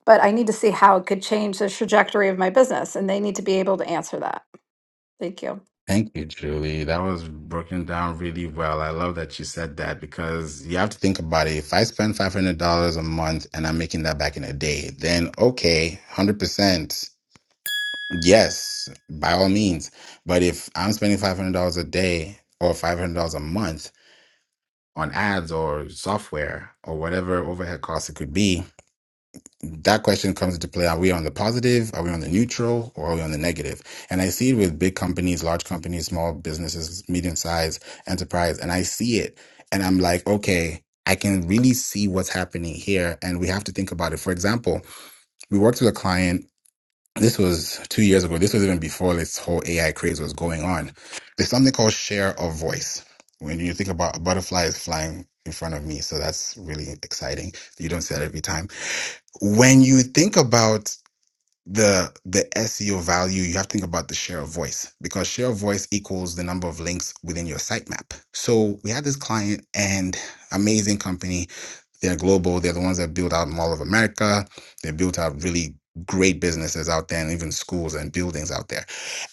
Speaker 5: But I need to see how it could change the trajectory of my business, and they need to be able to answer that. Thank you.
Speaker 1: Thank you, Julie. That was broken down really well. I love that you said that because you have to think about it. If I spend $500 a month and I'm making that back in a day, then okay, 100%. Yes, by all means. But if I'm spending $500 a day or $500 a month on ads or software or whatever overhead costs it could be, that question comes into play. Are we on the positive? Are we on the neutral? Or are we on the negative? And I see it with big companies, large companies, small businesses, medium sized enterprise. And I see it and I'm like, okay, I can really see what's happening here. And we have to think about it. For example, we worked with a client. This was two years ago. This was even before this whole AI craze was going on. There's something called share of voice. When you think about a butterfly is flying in front of me, so that's really exciting. You don't see that every time when you think about the the SEO value, you have to think about the share of voice because share of voice equals the number of links within your sitemap. So we had this client and amazing company. They're global. They're the ones that built out Mall of America. They built out really great businesses out there and even schools and buildings out there.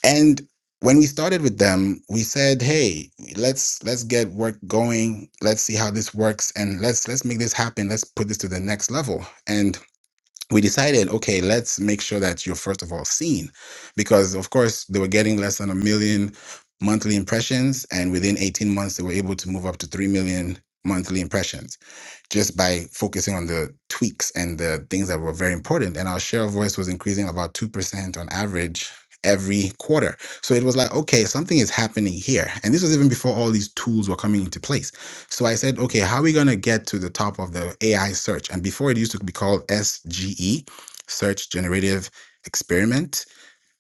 Speaker 1: And when we started with them, we said, "Hey, let's let's get work going. Let's see how this works, and let's let's make this happen. Let's put this to the next level." And we decided, okay, let's make sure that you're first of all seen, because of course they were getting less than a million monthly impressions, and within 18 months they were able to move up to three million monthly impressions just by focusing on the tweaks and the things that were very important. And our share of voice was increasing about 2% on average every quarter. So it was like, okay, something is happening here. And this was even before all these tools were coming into place. So I said, okay, how are we going to get to the top of the AI search? And before it used to be called SGE, Search Generative Experiment.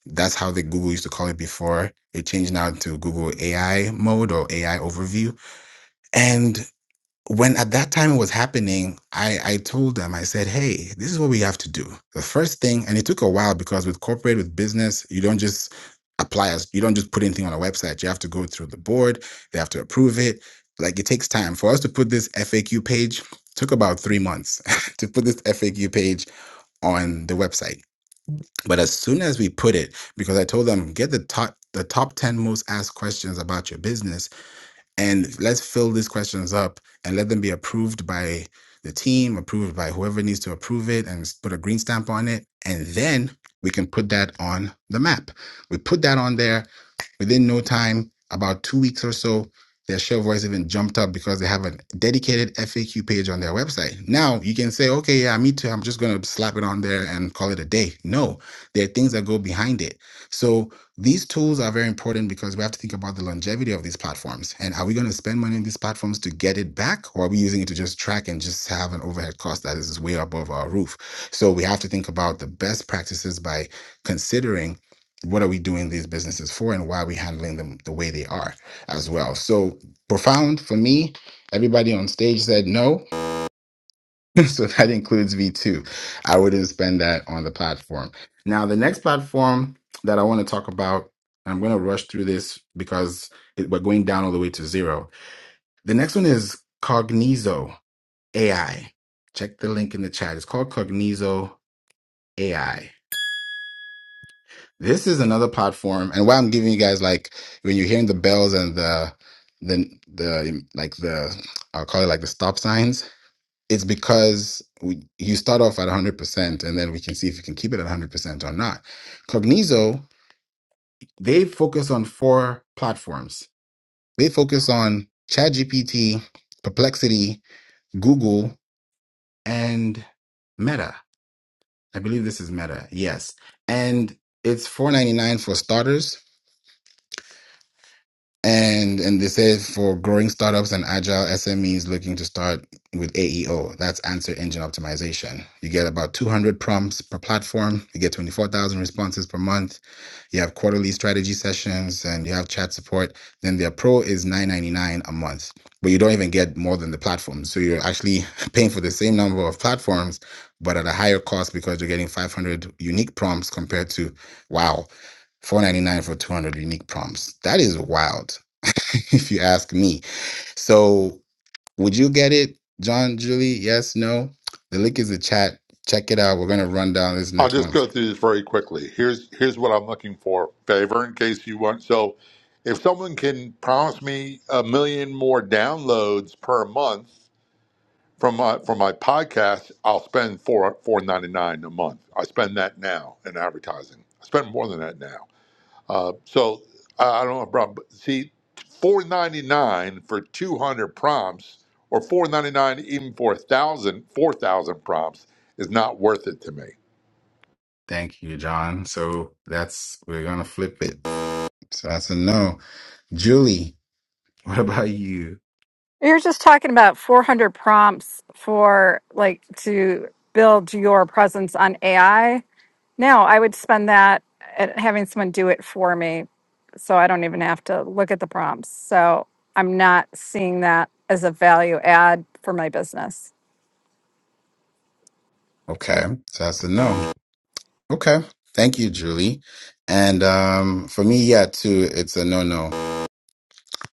Speaker 1: That's how the Google used to call it before. It changed now to Google AI mode or AI overview. And when at that time it was happening, I, I told them, I said, hey, this is what we have to do. The first thing, and it took a while because with corporate, with business, you don't just apply as you don't just put anything on a website. You have to go through the board, they have to approve it. Like it takes time. For us to put this FAQ page, took about three months to put this FAQ page on the website. But as soon as we put it, because I told them, get the top the top 10 most asked questions about your business and let's fill these questions up and let them be approved by the team, approved by whoever needs to approve it and s- put a green stamp on it. And then we can put that on the map. We put that on there Within no time, about two weeks or so, their share voice even jumped up because they have a dedicated FAQ page on their website. Now you can say, okay, yeah, me too. I'm just going to slap it on there and call it a day. No, there are things that go behind it. So these tools are very important because we have to think about the longevity of these platforms. And are we going to spend money on these platforms to get it back? Or are we using it to just track and just have an overhead cost that is way above our roof? So we have to think about the best practices by considering what are we doing these businesses for and why are we handling them the way they are as well so profound for me everybody on stage said no so that includes v2 i wouldn't spend that on the platform now the next platform that i want to talk about i'm going to rush through this because it, we're going down all the way to zero the next one is cognizo ai check the link in the chat it's called cognizo ai This is another platform, and why I'm giving you guys like when you're hearing the bells and the the the like the I'll call it like the stop signs. It's because we, you start off at 100 percent, and then we can see if you can keep it at 100 percent or not. Cognizo they focus on four platforms. They focus on ChatGPT, Perplexity, Google, and Meta. I believe this is Meta. Yes, and it's 4.99 for starters And and they said for growing startups and agile SMEs looking to start with AEO, that's answer engine optimization. You get about 200 prompts per platform. You get 24,000 responses per month. You have quarterly strategy sessions and you have chat support. Then their pro is 9.99 a month, but you don't even get more than the platform. So you're actually paying for the same number of platforms, but at a higher cost because you're getting 500 unique prompts compared to wow, 4.99 for 200 unique prompts. That is wild if you ask me. So, would you get it, John, Julie? Yes, no? The link is in the chat. Check it out. We're going to run down this
Speaker 2: I'll
Speaker 1: next
Speaker 2: just
Speaker 1: one.
Speaker 2: go through this very quickly. Here's here's what I'm looking for. Favor in case you want so if someone can promise me a million more downloads per month from my from my podcast, I'll spend four four ninety nine a month. I spend that now in advertising. I spend more than that now. Uh, so I, I don't have a problem. But see, four ninety nine for two hundred prompts, or four ninety nine even for a thousand four thousand prompts is not worth it to me.
Speaker 1: Thank you, John. So, that's, we're going to flip it. So, that's a no. Julie, what about you?
Speaker 5: You're just talking about 400 prompts for like to build your presence on AI. No, I would spend that at having someone do it for me so I don't even have to look at the prompts. So I'm not seeing that as a value add for my business.
Speaker 1: Okay. So, that's a no. Okay. Thank you, Julie. And um, for me, yeah, too, it's a no no.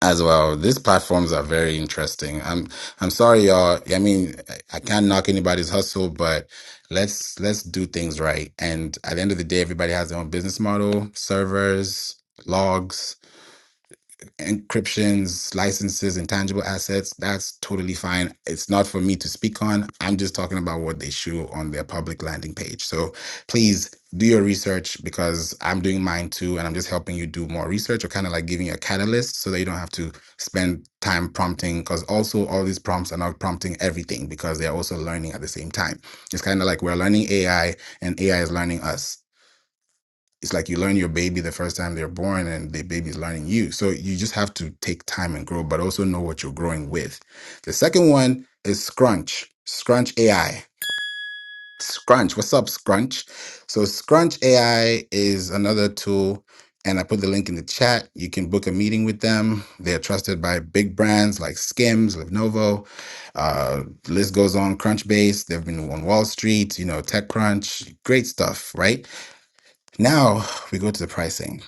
Speaker 1: as well. These platforms are very interesting. I'm I'm sorry, y'all. I mean, I I can't knock anybody's hustle, but let's let's do things right. And at the end of the day, everybody has their own business model, servers, logs encryptions, licenses, intangible assets, that's totally fine. It's not for me to speak on. I'm just talking about what they show on their public landing page. So please do your research because I'm doing mine too, and I'm just helping you do more research or kind of like giving you a catalyst so that you don't have to spend time prompting. Because also, all these prompts are not prompting everything because they're also learning at the same time. It's kind of like we're learning AI and AI is learning us it's like you learn your baby the first time they're born and the baby's learning you so you just have to take time and grow but also know what you're growing with the second one is scrunch scrunch ai scrunch what's up scrunch so scrunch ai is another tool and i put the link in the chat you can book a meeting with them they're trusted by big brands like skims lenovo uh, list goes on crunchbase they've been on wall street you know techcrunch great stuff right now we go to the pricing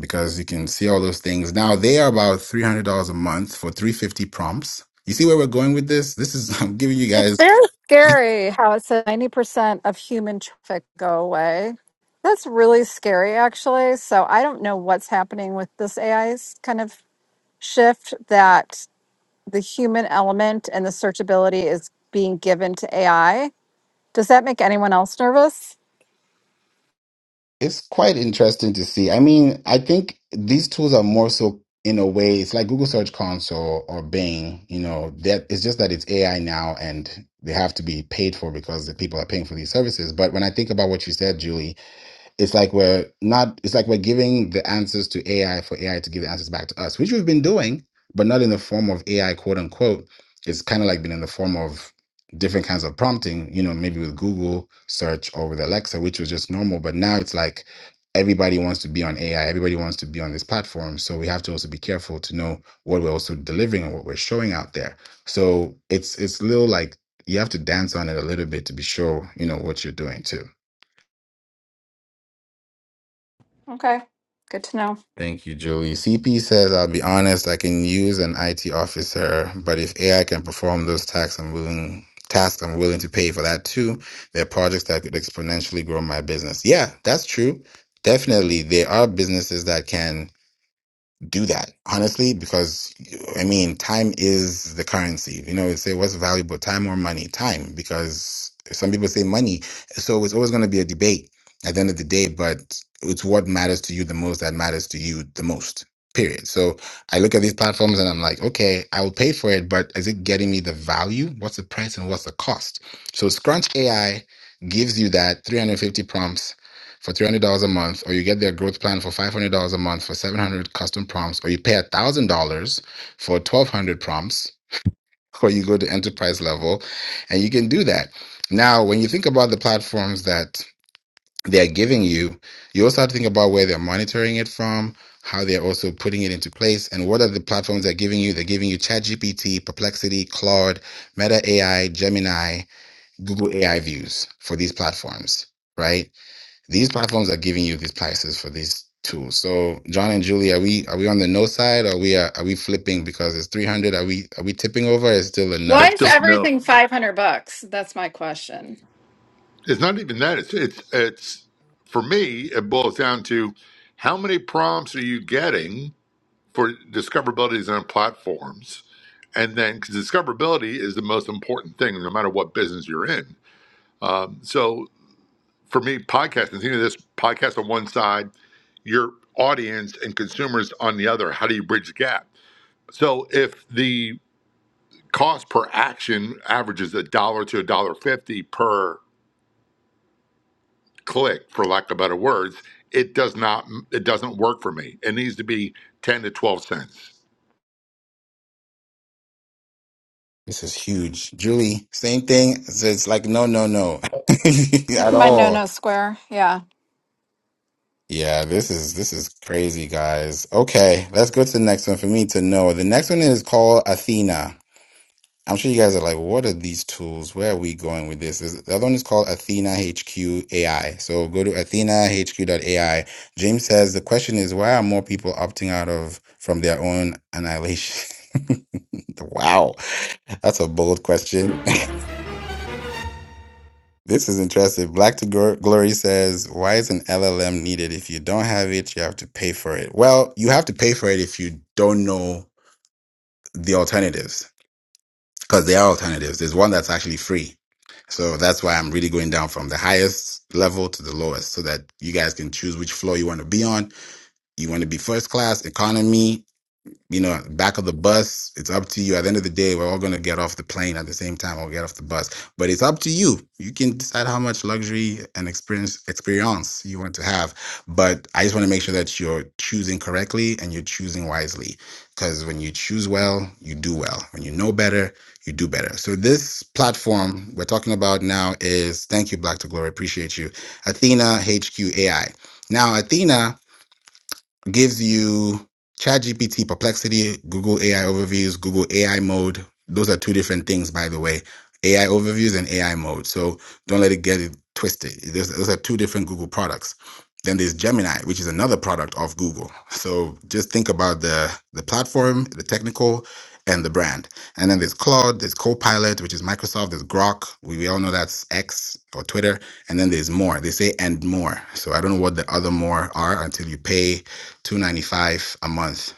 Speaker 1: because you can see all those things. Now they are about three hundred dollars a month for three fifty prompts. You see where we're going with this? This is I'm giving you
Speaker 5: It's
Speaker 1: guys.
Speaker 5: very scary how it says 90% of human traffic go away. That's really scary, actually. So I don't know what's happening with this AI's kind of shift that the human element and the searchability is being given to AI. Does that make anyone else nervous?
Speaker 1: It's quite interesting to see. I mean, I think these tools are more so in a way. It's like Google Search Console or Bing. You know, that it's just that it's AI now, and they have to be paid for because the people are paying for these services. But when I think about what you said, Julie, it's like we're not it's like we're giving the answers to ai for ai to give the answers back to us which we've been doing but not in the form of ai quote unquote it's kind of like been in the form of different kinds of prompting you know maybe with google search or with alexa which was just normal but now it's like everybody wants to be on ai everybody wants to be on this platform so we have to also be careful to know what we're also delivering and what we're showing out there so it's it's little like you have to dance on it a little bit to be sure you know what you're doing too
Speaker 5: Okay, good to know.
Speaker 1: Thank you, Joey. CP says, I'll be honest, I can use an IT officer, but if AI can perform those tasks, I'm willing tasks I'm willing to pay for that too. There are projects that could exponentially grow my business. Yeah, that's true. Definitely, there are businesses that can do that honestly because i mean time is the currency you know they say what's valuable time or money time because some people say money so it's always going to be a debate at the end of the day but it's what matters to you the most that matters to you the most period so i look at these platforms and i'm like okay i will pay for it but is it getting me the value what's the price and what's the cost so scrunch ai gives you that 350 prompts for three hundred dollars a month, or you get their growth plan for five hundred dollars a month for seven hundred custom prompts, or you pay one thousand dollars for twelve hundred prompts, or you go to enterprise level, and you can do that. Now, when you think about the platforms that they're giving you, you also have to think about where they're monitoring it from, how they're also putting it into place, and what are the platforms they're giving you. They're giving you ChatGPT, Perplexity, Claude, Meta AI, Gemini, Google AI Views for these platforms, right? These platforms are giving you these prices for these tools. So John and Julie, are we are we on the no side? Or Are we uh, are we flipping because it's three hundred? Are we are we tipping over? It's still a
Speaker 5: Why
Speaker 2: That's
Speaker 1: no.
Speaker 5: is
Speaker 2: still a no
Speaker 5: everything
Speaker 2: for me.
Speaker 5: 500 bucks? That's my question.
Speaker 2: It's not even that. It's it's it's for me. It boils down to how many prompts are you getting for discoverabilities on platforms And then 'cause discoverability is the most important thing, no matter what business you're in. So for me, podcasting, think of this podcast on one side, your audience and consumers on the other. How do you bridge the gap? So if the cost per action averages a dollar to a dollar fifty per click, for lack of better words, it does not it doesn't work for me. It needs to be ten to twelve cents.
Speaker 1: This is huge, Julie. Same thing. It's, it's like no, no, no,
Speaker 5: That's
Speaker 1: at
Speaker 5: my no
Speaker 1: all.
Speaker 5: no square. Yeah.
Speaker 1: Yeah, this is this is crazy, guys. Okay, let's go to the next one for me to know. The next one is called Athena. I'm sure you guys are like, "Well, what are these tools? Where are we going with this? This- The other one is called Athena HQ AI. So go to Athena HQ AI. James says the question is why are more people opting out of from their own annihilation? wow, that's a bold question. This is interesting. Black to Glo- Glory says, why is an LLM needed? If you don't have it, you have to pay for it. Well, you have to pay for it if you don't know the alternatives because there are alternatives. There's one that's actually free. So that's why I'm really going down from the highest level to the lowest so that you guys can choose which floor you want to be on. You want to be first class, economy, you know, back of the bus. It's up to you. At the end of the day, we're all going to get off the plane at the same time or get off the bus. But it's up to you. You can decide how much luxury and experience experience you want to have. But I just want to make sure that you're choosing correctly and you're choosing wisely. Because when you choose well, you do well. When you know better, you do better. So this platform we're talking about now is thank you, Black to Glory. Appreciate you. Athena HQ AI. Now, Athena gives you ChatGPT Perplexity, Google AI Overviews, Google AI Mode. Those are two different things, by the way. AI Overviews and AI Mode. So don't let it get it twisted. Those, those are two different Google products. Then there's Gemini, which is another product of Google. So just think about the the platform, the technical, and the brand. And then there's Claude, there's Copilot, which is Microsoft, there's Grok. We, we all know that's X or Twitter. And then there's more. They say and more. So I don't know what the other more are until you pay 295 a month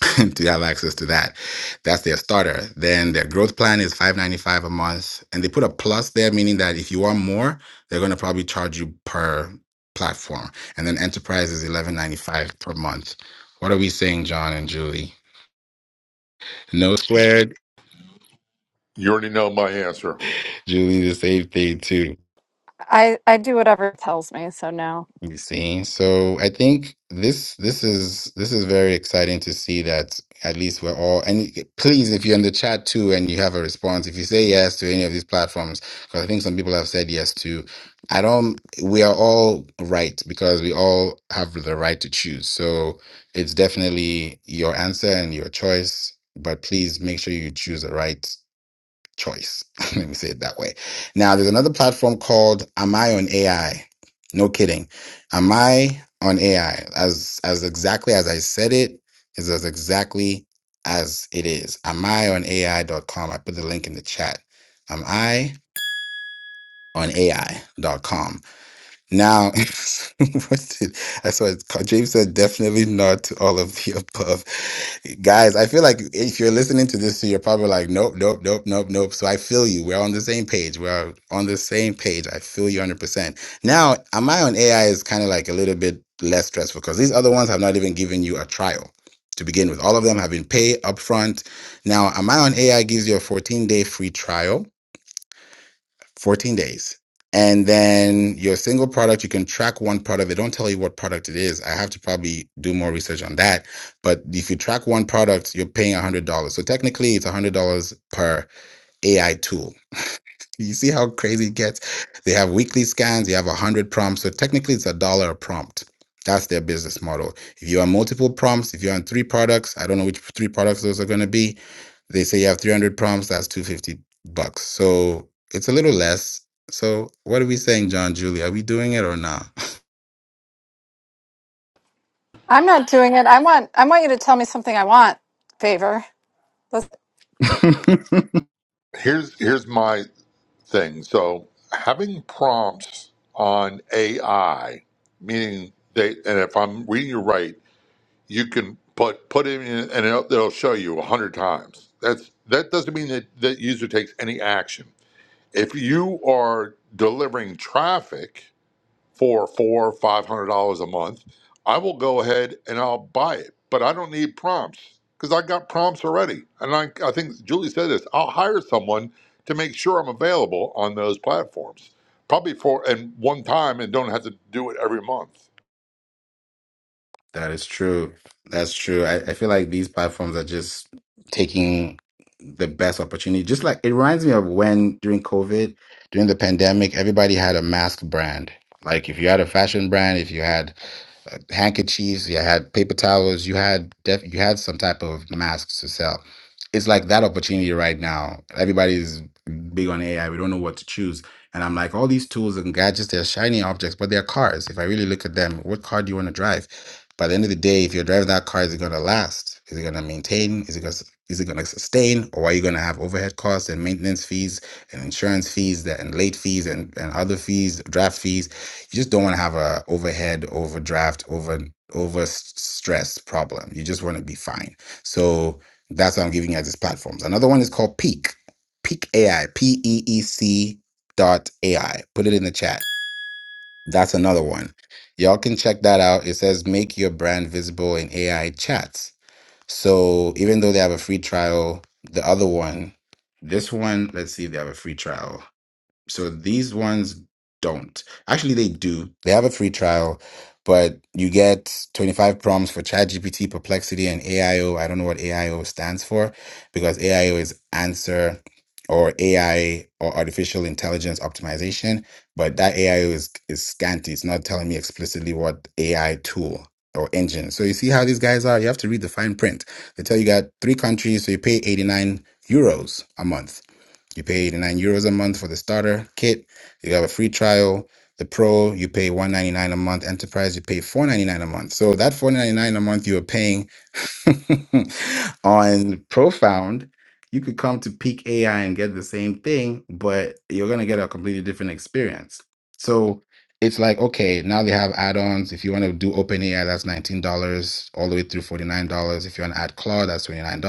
Speaker 1: to have access to that that's their starter then their growth plan is 595 a month and they put a plus there meaning that if you want more they're going to probably charge you per platform and then enterprise is 1195 per month what are we saying john and julie no squared
Speaker 2: You already know my answer.
Speaker 1: julie the same thing too
Speaker 5: I, I do whatever it tells me. So no.
Speaker 1: You see, so I think this this is this is very exciting to see that at least we're all and please if you're in the chat too and you have a response, if you say yes to any of these platforms, because I think some people have said yes to, I don't we are all right because we all have the right to choose. So it's definitely your answer and your choice, but please make sure you choose the right choice. Let me say it that way. Now, there's another platform called Am I on AI? No kidding. Am I on AI? As as exactly as I said it is as exactly as it is. Am I on AI dot com? I put the link in the chat. Am I on AI dot com? Now, what did, that's what James said, definitely not to all of the above. Guys, I feel like if you're listening to this, you're probably like, nope, nope, nope, nope, nope. So I feel you. We're on the same page. We're on the same page. I feel you 100%. Now, am I on AI is kind of like a little bit less stressful because these other ones have not even given you a trial to begin with. All of them have been paid upfront. Now, am I on AI gives you a 14 day free trial 14 days. And then your single product, you can track one product. They Don't tell you what product it is. I have to probably do more research on that. But if you track one product, you're paying $100. So technically, it's $100 per AI tool you see how crazy it gets. They have weekly scans, you have 100 prompts. So technically, it's a dollar a prompt. That's their business model. If you have multiple prompts, if you're on three products, I don't know which three products those are going to be. They say you have 300 prompts, that's 250 bucks. So it's a little less. So what are we saying, John Julie? Are we doing it or not?
Speaker 5: I'm not doing it. I want I want you to tell me something I want, favor.
Speaker 2: Here's here's my thing. So having prompts on AI, meaning they, and if I'm reading you right, you can put put it in and it'll, it'll show you a hundred times. That's that doesn't mean that that user takes any action. If you are delivering traffic for four, five hundred dollars a month, I will go ahead and I'll buy it. But I don't need prompts because I got prompts already. And I, I think Julie said this. I'll hire someone to make sure I'm available on those platforms, probably for and one time, and don't have to do it every month.
Speaker 1: That is true. That's true. I, I feel like these platforms are just taking the best opportunity. Just like it reminds me of when during COVID, during the pandemic, everybody had a mask brand. Like if you had a fashion brand, if you had uh, handkerchiefs, you had paper towels, you had def- you had some type of masks to sell. It's like that opportunity right now. Everybody's big on AI. We don't know what to choose. And I'm like, all these tools and gadgets, they're shiny objects, but they're cars. If I really look at them, what car do you want to drive? By the end of the day, if you're driving that car, is it going to last? Is it going to maintain? Is it going to is it going to sustain or are you going to have overhead costs and maintenance fees and insurance fees that, and late fees and, and other fees draft fees you just don't want to have a overhead, overdraft, over over s- stress problem. You just want to be fine. So that's what I'm giving you as these platforms. Another one is called Peak, Peak AI, P E E C dot AI. Put it in the chat. That's another one. Y'all can check that out. It says make your brand visible in AI chats. So even though they have a free trial, the other one, this one, let's see if they have a free trial. So these ones don't. Actually, they do. They have a free trial, but you get 25 prompts for ChatGPT, Perplexity, and AIO. I O. I don't know what AIO stands for because AIO is answer or AI or artificial intelligence optimization, but that AIO is, is scanty. It's not telling me explicitly what AI tool or engine. So you see how these guys are? You have to read the fine print. They tell you got three countries, so you pay 89 euros a month you pay 89 euros a month for the starter kit. You have a free trial. The pro, you pay 199 a month. Enterprise, you pay 499 a month. So that 499 a month you are paying on Profound, you could come to Peak AI and get the same thing, but you're gonna get a completely different experience. So it's like, okay, now they have add-ons. If you want to do OpenAI, that's $19 all the way through $49. If you want to add Claude, that's $29.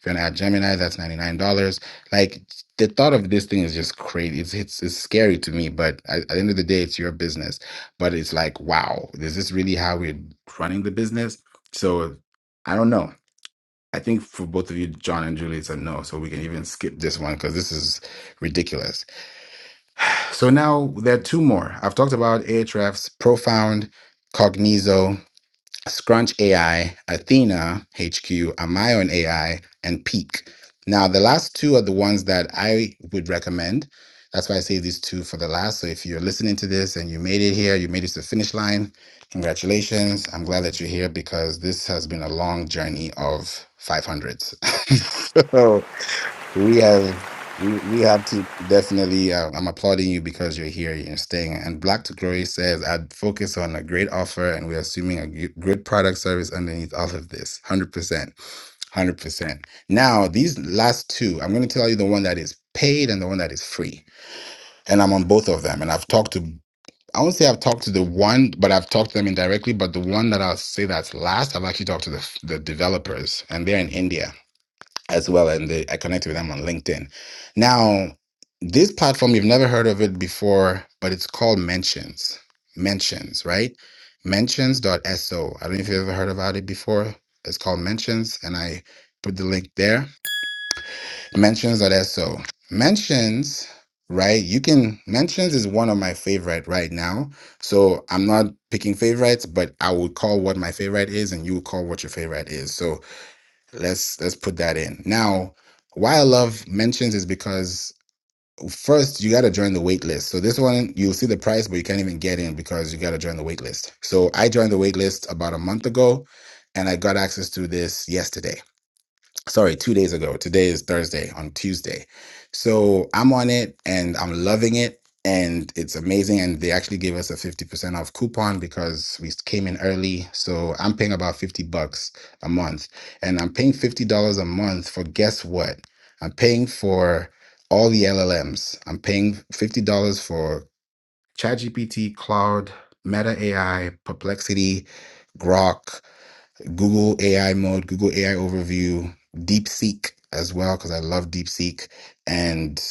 Speaker 1: If you want to add Gemini, that's $99 like the thought of this thing is just crazy. It's it's, it's scary to me, but at, at the end of the day, it's your business. But it's like, wow, is this really how we're running the business? So I don't know. I think for both of you, John and Julie, it's a no. So we can even skip this one because this is ridiculous. So now there are two more. I've talked about Ahrefs, Profound, Cognizo. Scrunch AI, Athena HQ, Amion AI, and Peak. Now, the last two are the ones that I would recommend. That's why I say these two for the last. So if you're listening to this and you made it here, you made it to the finish line, congratulations. I'm glad that you're here because this has been a long journey of 500s. We have we, we have to definitely uh, I'm applauding you because you're here and staying. And Black to Glory says I'd focus on a great offer and we're assuming a g- good product service underneath all of this. 100%. 100%. Now, these last two, I'm going to tell you the one that is paid and the one that is free. And I'm on both of them and I've talked to I won't say I've talked to the one, but I've talked to them indirectly. But the one that I'll say that's last, I've actually talked to the, the developers, and they're in India as well, and they, I connected with them on LinkedIn. Now, this platform you've never heard of it before, but it's called Mentions. Mentions, right? Mentions.so. I don't know if you've ever heard about it before. It's called Mentions, and I put the link there. Mentions.so. Mentions, right? You can Mentions is one of my favorite right now. So I'm not picking favorites, but I would call what my favorite is, and you would call what your favorite is. So Let's let's put that in. Now, why I love mentions is because first you got to join the wait list. So this one you'll see the price, but you can't even get in because you got to join the wait list. So I joined the wait list about a month ago, and I got access to this yesterday sorry, two days ago. Today is Thursday on Tuesday. So I'm on it and I'm loving it. And it's amazing. And they actually gave us a 50% off coupon because we came in early. So I'm paying about 50 bucks a month. And I'm paying $50 a month for guess what? I'm paying for all the LLMs. I'm paying $50 for ChatGPT, Cloud, Meta AI, Perplexity, Grok. Google AI mode, Google AI overview, DeepSeek as well, because I love DeepSeek. And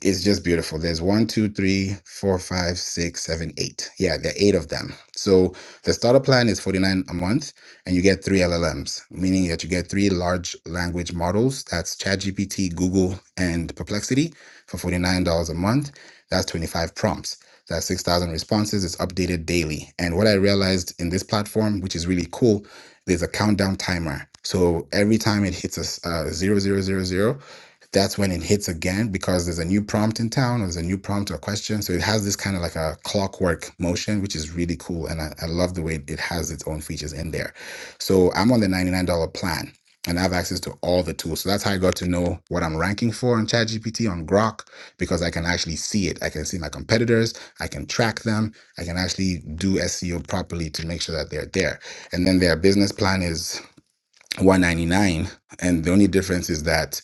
Speaker 1: it's just beautiful. There's one, two, three, four, five, six, seven, eight. Yeah, there are eight of them. So the starter plan is 49 a month, and you get three LLMs, meaning that you get three large language models. That's ChatGPT, Google, and Perplexity for $49 a month. That's 25 prompts. That's 6,000 responses. It's updated daily. And what I realized in this platform, which is really cool, there's a countdown timer. So every time it hits a s- uh, 0000, zero, zero, zero, that's when it hits again because there's a new prompt in town, or there's a new prompt or question. So it has this kind of like a clockwork motion, which is really cool. And I, I love the way it has its own features in there. So I'm on the $99 plan and I have access to all the tools. So that's how I got to know what I'm ranking for on ChatGPT, on Grok, because I can actually see it. I can see my competitors, I can track them, I can actually do SEO properly to make sure that they're there. And then their business plan is 199 and the only difference is that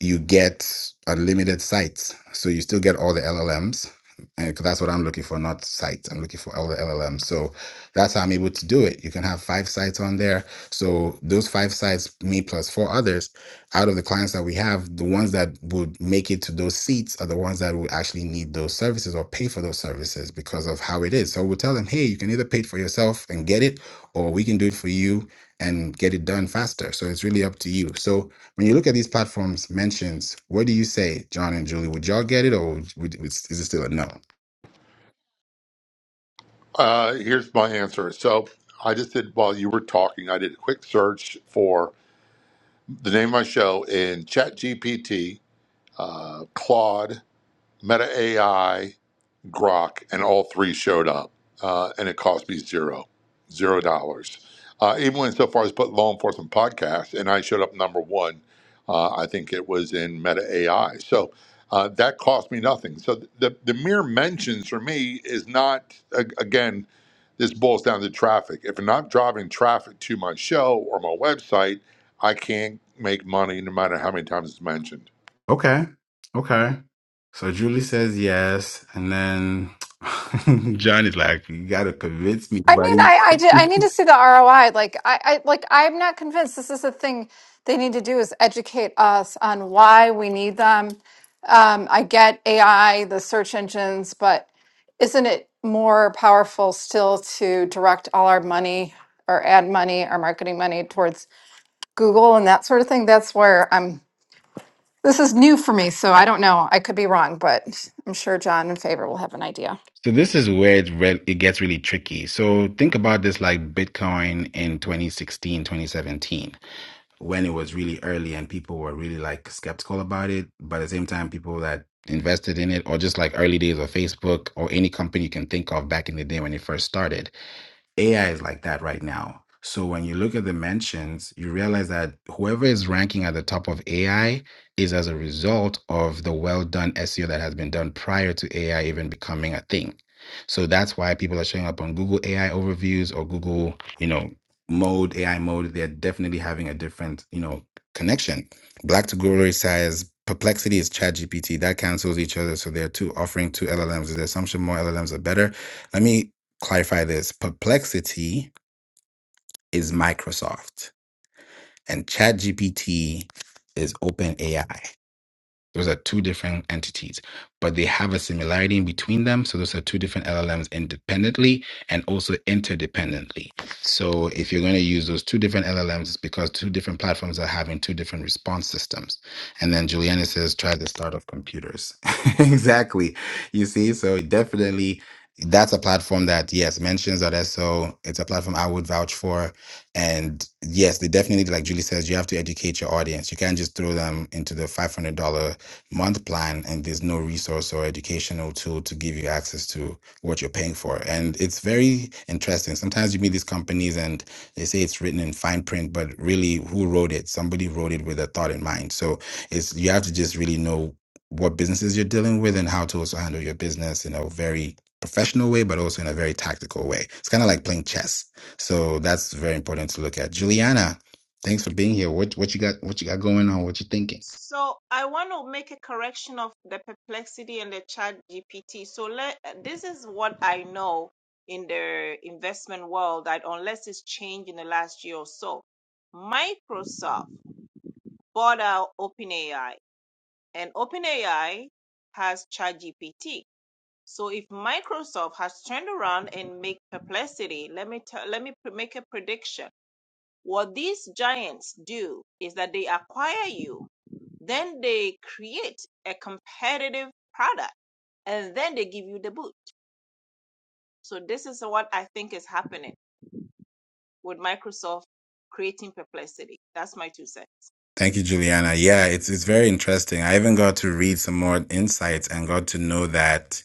Speaker 1: you get unlimited sites so you still get all the llms and 'cause that's what i'm looking for not sites i'm looking for all the llms so that's how i'm able to do it you can have five sites on there so those five sites me plus four others out of the clients that we have the ones that would make it to those seats are the ones that would actually need those services or pay for those services because of how it is so we'll tell them hey you can either pay it for yourself and get it or we can do it for you and get it done faster. So it's really up to you. So when you look at these platforms mentions, what do you say, John and Julie? Would y'all get it, or would, would, is it still a no?
Speaker 2: Uh, here's my answer. So I just did while you were talking, I did a quick search for the name of my show in ChatGPT, uh, Claude, Meta AI, Grok, and all three showed up, uh, and it cost me zero, zero dollars. Uh, even went so far as put law enforcement podcast, and I showed up number one. Uh, I think it was in Meta AI, so uh, that cost me nothing. So the the mere mentions for me is not a- again. This boils down to traffic. If I'm not driving traffic to my show or my website, I can't make money no matter how many times it's mentioned.
Speaker 1: Okay, okay. So Julie says yes, and then John is like, "You gotta convince me,
Speaker 5: I mean,
Speaker 1: buddy."
Speaker 5: I I, did, I need to see the ROI. Like I, I like I'm not convinced this is the thing they need to do is educate us on why we need them. Um, I get AI, the search engines, but isn't it more powerful still to direct all our money or ad money, our marketing money towards Google and that sort of thing? That's where I'm. This is new for me, so I don't know. I could be wrong, but I'm sure John and Favor will have an idea.
Speaker 1: So this is where it, re- it gets really tricky. So think about this like Bitcoin in 2016, 2017. when it was really early and people were really like skeptical about it. But at the same time, people that invested in it, or just like early days of Facebook or any company you can think of back in the day when it first started, AI is like that right now. So when you look at the mentions, you realize that whoever is ranking at the top of AI is as a result of the well done SEO that has been done prior to AI even becoming a thing. So that's why people are showing up on Google AI overviews or Google, you know, mode, AI mode. They're definitely having a different, you know, connection. Black to Glory says perplexity is ChatGPT. That cancels each other. So they're two offering two LLMs. Is the assumption more LLMs are better? Let me clarify this perplexity is microsoft and chatgpt is openai those are two different entities, but they have a similarity in between them. So those are two different LLMs independently and also interdependently. So if you're going to use those two different LLMs, it's because two different platforms are having two different response systems. And then Juliana says, try the start of computers. exactly. You see, so definitely that's a platform that yes mentions.so it's a platform i would vouch for and yes, they definitely, like Julie says, you have to educate your audience. You can't just throw them into the $500 month plan and there's no resource or educational tool to give you access to what you're paying for. And it's very interesting. Sometimes you meet these companies and they say it's written in fine print, but really who wrote it? Somebody wrote it with a thought in mind. So it's you have to just really know what businesses you're dealing with and how to also handle your business in a very professional way, but also in a very tactical way. It's kind of like playing chess. So that's very important to look at. Juliana, thanks for being here. What what you got what you got going on? What you thinking?
Speaker 6: So I want to make a correction of the perplexity and the chat GPT. So let this is what I know in the investment world that unless it's changed in the last year or so, Microsoft bought out OpenAI and OpenAI has ChatGPT. So if Microsoft has turned around and make perplexity, let me tell, let me pre- make a prediction. What these giants do is that they acquire you, then they create a competitive product, and then they give you the boot. So this is what I think is happening with Microsoft creating perplexity. That's my two cents.
Speaker 1: Thank you, Juliana. Yeah, it's it's very interesting. I even got to read some more insights and got to know that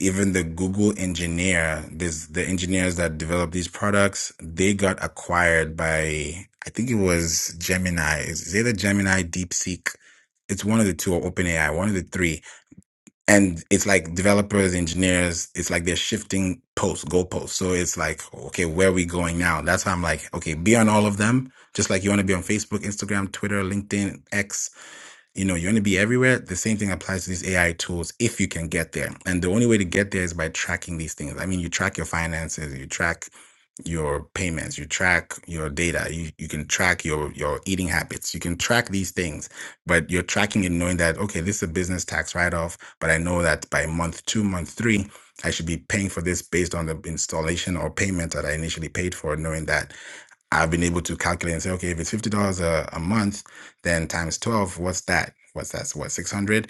Speaker 1: even the Google engineer, this the engineers that develop these products, they got acquired by I think it was Gemini. Is it either Gemini, DeepSeek? It's one of the two or OpenAI, one of the three and it's like developers engineers it's like they're shifting posts goalposts so it's like okay where are we going now that's how i'm like okay be on all of them just like you want to be on facebook instagram twitter linkedin x you know, you want to be everywhere. The same thing applies to these AI tools if you can get there. And the only way to get there is by tracking these things. I mean, you track your finances, you track your payments, you track your data, you, you can track your your eating habits, you can track these things, but you're tracking and knowing that okay, this is a business tax write-off, but I know that by month two, month three, I should be paying for this based on the installation or payment that I initially paid for, knowing that. I've been able to calculate and say, okay, if it's fifty dollars a a month, then times twelve, what's that? What's that? What six hundred?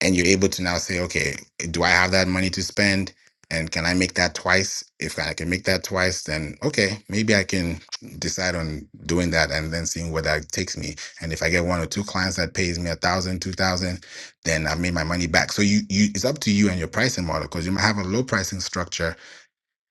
Speaker 1: And you're able to now say, okay, do I have that money to spend? And can I make that twice? If I can make that twice, then okay, maybe I can decide on doing that and then seeing where that takes me. And if I get one or two clients that pays me a thousand, two thousand, then I have made my money back. So you, you, it's up to you and your pricing model because you might have a low pricing structure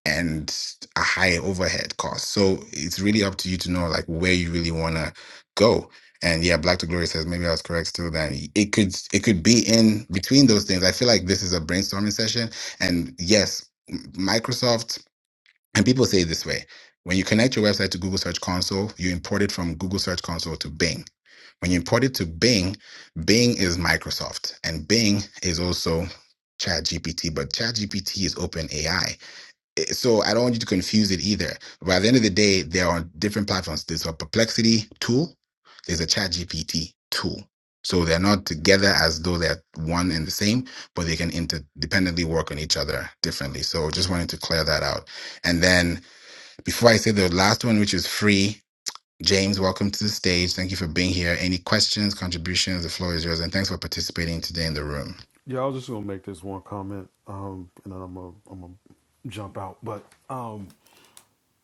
Speaker 1: and a high overhead cost. So it's really up to you to know like where you really want to go. And yeah, Black to Glory says maybe I was correct still then. It could it could be in between those things. I feel like this is a brainstorming session. And yes, m- Microsoft and people say it this way. When you connect your website to Google Search Console, you import it from Google Search Console to Bing. When you import it to Bing, Bing is Microsoft and Bing is also ChatGPT, but ChatGPT is OpenAI it- so I don't want you to confuse it either. But at the end of the day, they're on different platforms. There's a perplexity tool, there's a chat GPT tool. So they're not together as though they're one and the same, but they can interdependently work on each other differently. So just wanted to clear that out. And then before I say the last one, which is free, James, welcome to the stage. Thank you for being here. Any questions, contributions? The floor is yours. And thanks for participating today in the room.
Speaker 7: Yeah, I was just gonna make this one comment, um, and then I'm gonna, I'm gonna jump out. But um,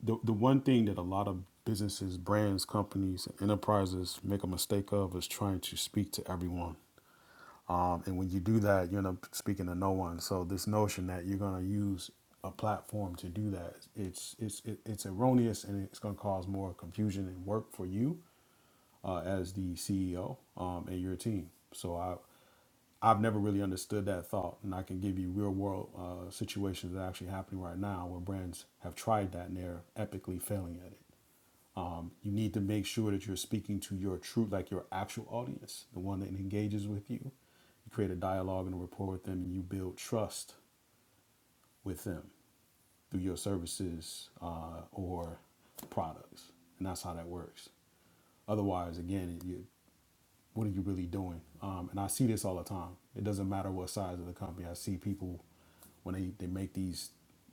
Speaker 7: the the one thing that a lot of businesses, brands, companies, and enterprises make a mistake of is trying to speak to everyone. Um, and when you do that, you end up speaking to no one. So this notion that you're gonna use a platform to do that, it's it's it, it's erroneous, and it's gonna cause more confusion and work for you uh, as the CEO um, and your team. So I I've never really understood that thought, and I can give you real world uh, situations that are actually happening right now where brands have tried that and they're epically failing at it. Um, you need to make sure that you're speaking to your true, like your actual audience, the one that engages with you. You create a dialogue and a rapport with them, and you build trust with them through your services uh, or products, and that's how that works. Otherwise, again, you what are you really doing? Um, and I see this all the time. It doesn't matter what size of the company. I see people when they, they make these,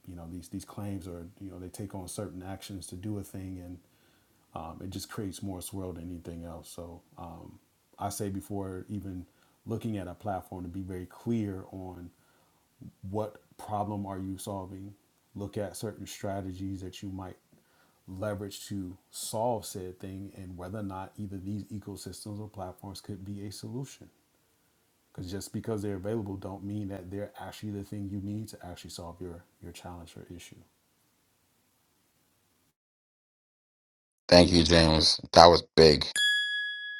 Speaker 7: you know, these these claims or you know they take on certain actions to do a thing, and um, it just creates more swirl than anything else. So um, I say before even looking at a platform to be very clear on what problem are you solving? Look at certain strategies that you might leverage to solve said thing and whether or not either these ecosystems or platforms could be a solution. Because just because they're available don't mean that they're actually the thing you need to actually solve your your challenge or issue.
Speaker 1: Thank you, James. That was big.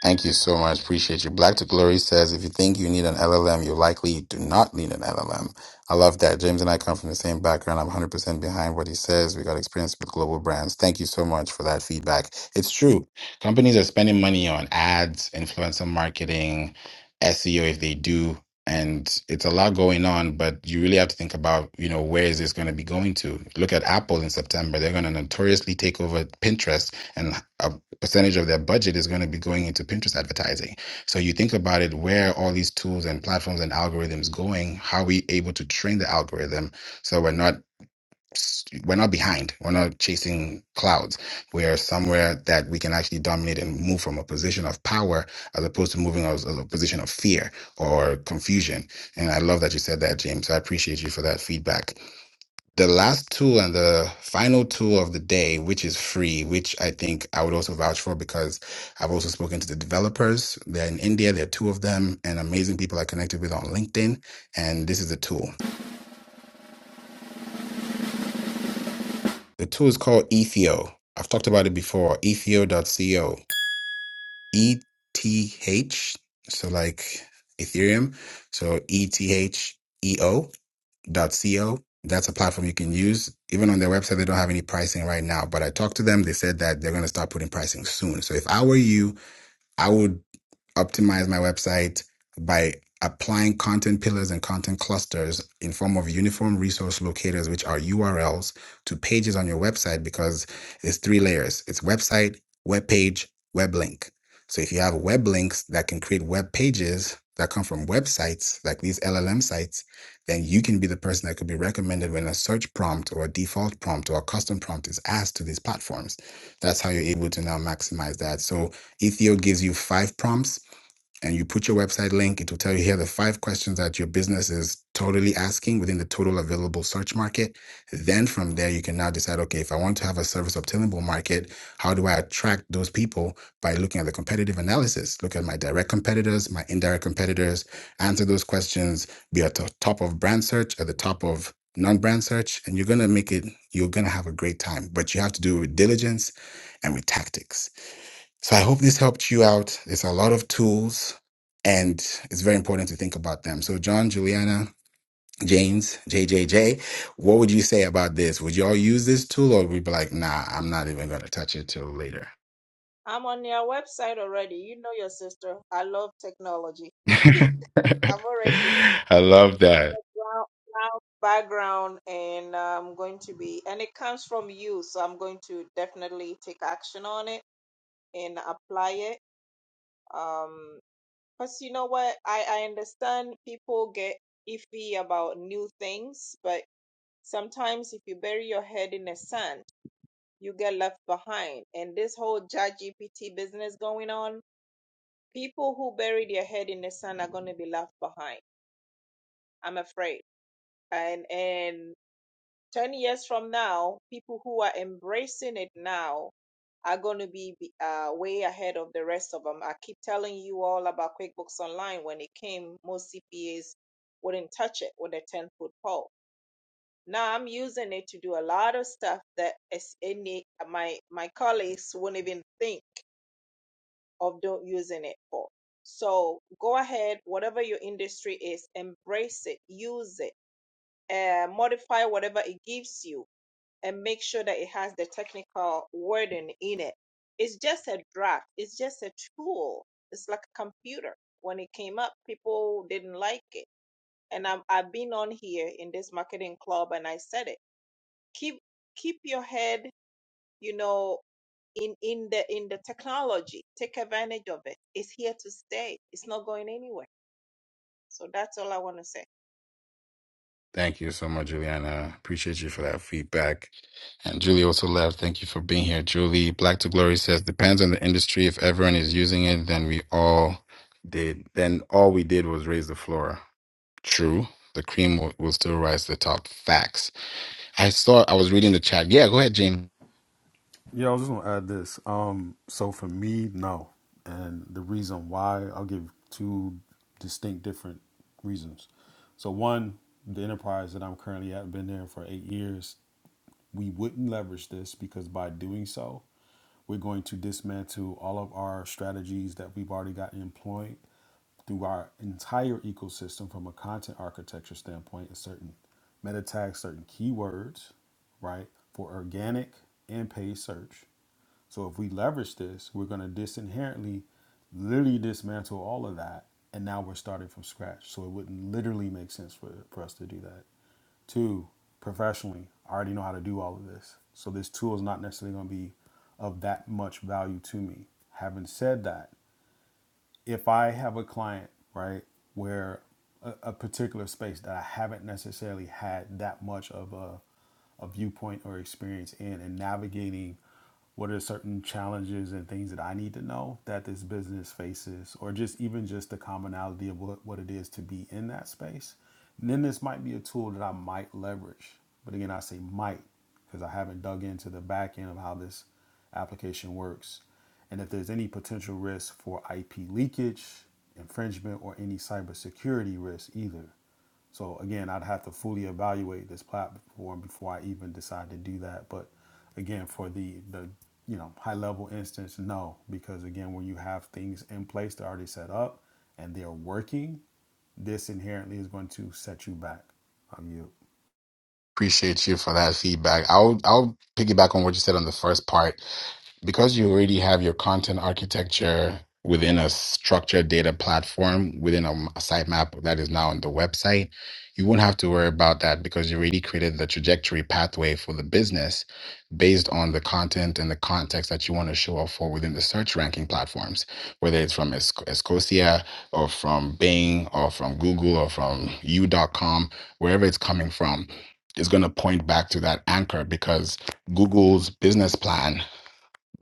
Speaker 1: Thank you so much. Appreciate you. Black to Glory says, if you think you need an LLM, you likely do not need an LLM. I love that. James and I come from the same background. I'm 100% behind what he says. We got experience with global brands. Thank you so much for that feedback. It's true. Companies are spending money on ads, influencer marketing, SEO if they do. And it's a lot going on, but you really have to think about, you know, where is this going to be going to? Look at Apple in September. They're going to notoriously take over Pinterest and uh, percentage of their budget is going to be going into Pinterest advertising. So you think about it, where are all these tools and platforms and algorithms going? How are we able to train the algorithm so we're not we're not behind. We're not chasing clouds. We're somewhere that we can actually dominate and move from a position of power as opposed to moving as, as a position of fear or confusion. And I love that you said that, James. So I appreciate you for that feedback. The last tool and the final tool of the day, which is free, which I think I would also vouch for because I've also spoken to the developers. They're in India, there are two of them, and amazing people I connected with on LinkedIn. And this is the tool. The tool is called Ethio. I've talked about it before. Ethio.co. E T H. So like Ethereum. So E T H E O. co. That's a platform you can use. Even on their website, they don't have any pricing right now. But I talked to them. They said that they're going to start putting pricing soon. So if I were you, I would optimize my website by applying content pillars and content clusters in form of uniform resource locators which are urls to pages on your website because it's three layers it's website web page web link so if you have web links that can create web pages that come from websites like these llm sites then you can be the person that could be recommended when a search prompt or a default prompt or a custom prompt is asked to these platforms that's how you're able to now maximize that so Ethio gives you five prompts and you put your website link, it will tell you here are the five questions that your business is totally asking within the total available search market. Then from there, you can now decide okay, if I want to have a service obtainable market, how do I attract those people by looking at the competitive analysis? Look at my direct competitors, my indirect competitors, answer those questions, be at the top of brand search, at the top of non brand search, and you're going to make it, you're going to have a great time. But you have to do it with diligence and with tactics. So I hope this helped you out. There's a lot of tools and it's very important to think about them. So John, Juliana, James, JJJ, what would you say about this? Would y'all use this tool or would you be like, nah, I'm not even going to touch it till later?
Speaker 6: I'm on your website already. You know your sister. I love technology. I've already
Speaker 1: I love that.
Speaker 6: brown, brown background and I'm going to be and it comes from you, so I'm going to definitely take action on it and apply it. Um Because you know what? I, I understand people get iffy about new things, but sometimes if you bury your head in the sand, you get left behind. And this whole ChatGPT business going on, people who bury their head in the sand are going to be left behind. I'm afraid. And and 10 years from now, people who are embracing it now are going to be uh, way ahead of the rest of them. I keep telling you all about QuickBooks Online. When it came, most CPAs wouldn't touch it with a 10 foot pole. Now I'm using it to do a lot of stuff that is any my my colleagues wouldn't even think of do using it for. So go ahead, whatever your industry is, embrace it, use it, uh, modify whatever it gives you and make sure that it has the technical wording in it. It's just a draft, it's just a tool. It's like a computer. When it came up, people didn't like it. And I'm, I've been on here in this marketing club and I said it. Keep keep your head, you know, in, in the in the technology. Take advantage of it. It's here to stay. It's not going anywhere. So that's all I want to say.
Speaker 1: Thank you so much, Juliana. Appreciate you for that feedback. And Julie also left. Thank you for being here. Julie, Black to Glory says, depends on the industry. If everyone is using it, then we all did. Then all we did was raise the floor. True. The cream will, will still rise to the top. Facts. I saw. I was reading the chat. Yeah, go ahead, James.
Speaker 7: Yeah, I was just gonna add this. Um, so for me, no, and the reason why I'll give two distinct different reasons. So one, the enterprise that I'm currently at, been there for eight years. We wouldn't leverage this because by doing so, we're going to dismantle all of our strategies that we've already got employed through our entire ecosystem from a content architecture standpoint and certain meta tags, certain keywords, right, for organic and paid search. So if we leverage this, we're going to disinherently literally dismantle all of that. And now we're starting from scratch. So it wouldn't literally make sense for, for us to do that. Two, professionally, I already know how to do all of this. So this tool is not necessarily going to be of that much value to me. Having said that, if I have a client, right, where a, a particular space that I haven't necessarily had that much of a, a viewpoint or experience in and navigating what are certain challenges and things that I need to know that this business faces, or just even just the commonality of what, what it is to be in that space, then this might be a tool that I might leverage. But again, I say might because I haven't dug into the back end of how this application works, and if there's any potential risk for IP leakage, infringement, or any cybersecurity risk either. So again, I'd have to fully evaluate this platform before I even decide to do that. But again, for the the you know high level instance, no, because again, when you have things in place that are already set up and they're working, this inherently is going to set you back. Um, you.
Speaker 1: Appreciate you for that feedback. I'll I'll piggyback on what you said on the first part. because you already have your content architecture within a structured data platform within a, m- a sitemap that is now on the website, you won't have to worry about that because you already created the trajectory pathway for the business based on the content and the context that you want to show up for within the search ranking platforms, whether it's from Esc- Escocia or from Bing or from Google or from you dot com, wherever it's coming from, is going to point back to that anchor because Google's business plan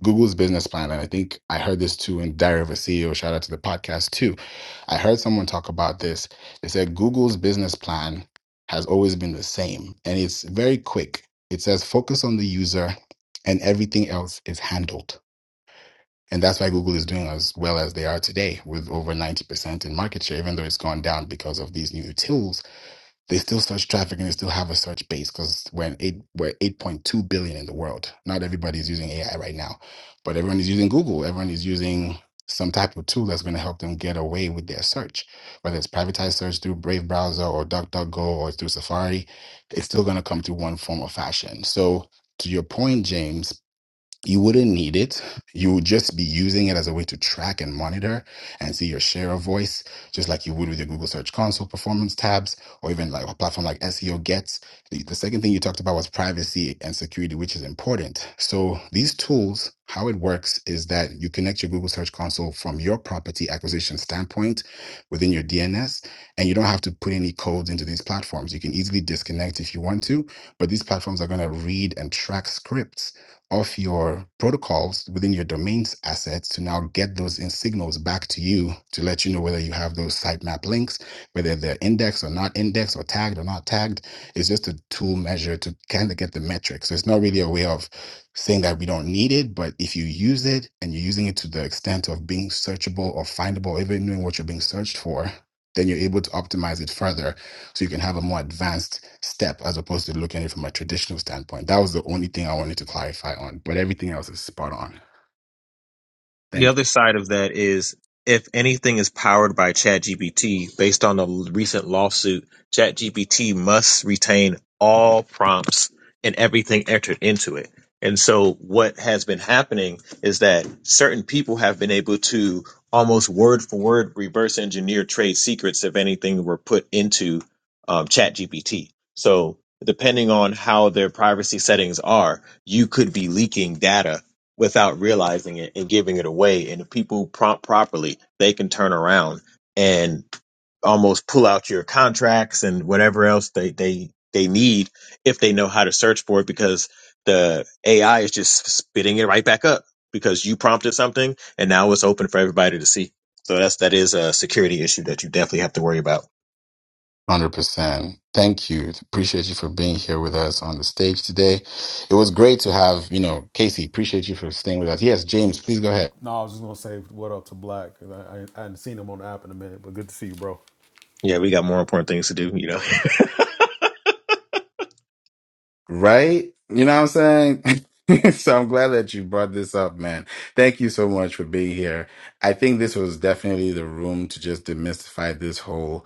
Speaker 1: Google's business plan, and I think I heard this too in Diary of a CEO. Shout out to the podcast too. I heard someone talk about this. They said Google's business plan has always been the same, and it's very quick. It says focus on the user, and everything else is handled. And that's why Google is doing as well as they are today, with over ninety percent in market share, even though it's gone down because of these new tools they still search traffic and they still have a search base because we're an eight we're eight point two billion in the world. Not everybody is using AI right now, but everyone is using Google. Everyone is using some type of tool that's going to help them get away with their search, whether it's privatized search through Brave browser or DuckDuckGo or through Safari. It's still going to come through one form or fashion. So to your point, James you wouldn't need it. You would just be using it as a way to track and monitor and see your share of voice, just like you would with your Google Search Console performance tabs, or even like a platform like SEO Gets. The, the second thing you talked about was privacy and security, which is important. So these tools, how it works is that you connect your Google Search Console from your property acquisition standpoint within your DNS, and you don't have to put any codes into these platforms. You can easily disconnect if you want to, but these platforms are going to read and track scripts of your protocols within your domains assets to now get those in signals back to you to let you know whether you have those sitemap links, whether they're indexed or not indexed or tagged or not tagged. It's just a tool measure to kind of get the metrics. So it's not really a way of saying that we don't need it, but if you use it and you're using it to the extent of being searchable or findable, even knowing what you're being searched for, then you're able to optimize it further so you can have a more advanced step as opposed to looking at it from a traditional standpoint. That was the only thing I wanted to clarify on, but everything else is spot on.
Speaker 8: The
Speaker 1: Thank you.
Speaker 8: other side of that is if anything is powered by ChatGPT, based on the recent lawsuit, ChatGPT must retain all prompts and everything entered into it. And so what has been happening is that certain people have been able to almost word for word reverse engineer trade secrets if anything were put into um, ChatGPT. So depending on how their privacy settings are, you could be leaking data without realizing it and giving it away. And if people prompt properly, they can turn around and almost pull out your contracts and whatever else they, they, they need if they know how to search for it because the AI is just spitting it right back up because you prompted something and now it's open for everybody to see. So that's, that is a security issue that you definitely have to worry about.
Speaker 1: 100%. Thank you. Appreciate you for being here with us on the stage today. It was great to have, you know, Casey, appreciate you for staying with us. Yes, James, please go ahead.
Speaker 7: No, I was just gonna say what up to Black. 'cause I, I, I hadn't seen him on the app in a minute, but good to see you, bro.
Speaker 8: Yeah, we got more important things to do, you know.
Speaker 1: Right? You know what I'm saying? so I'm glad that you brought this up, man. Thank you so much for being here. I think this was definitely the room to just demystify this whole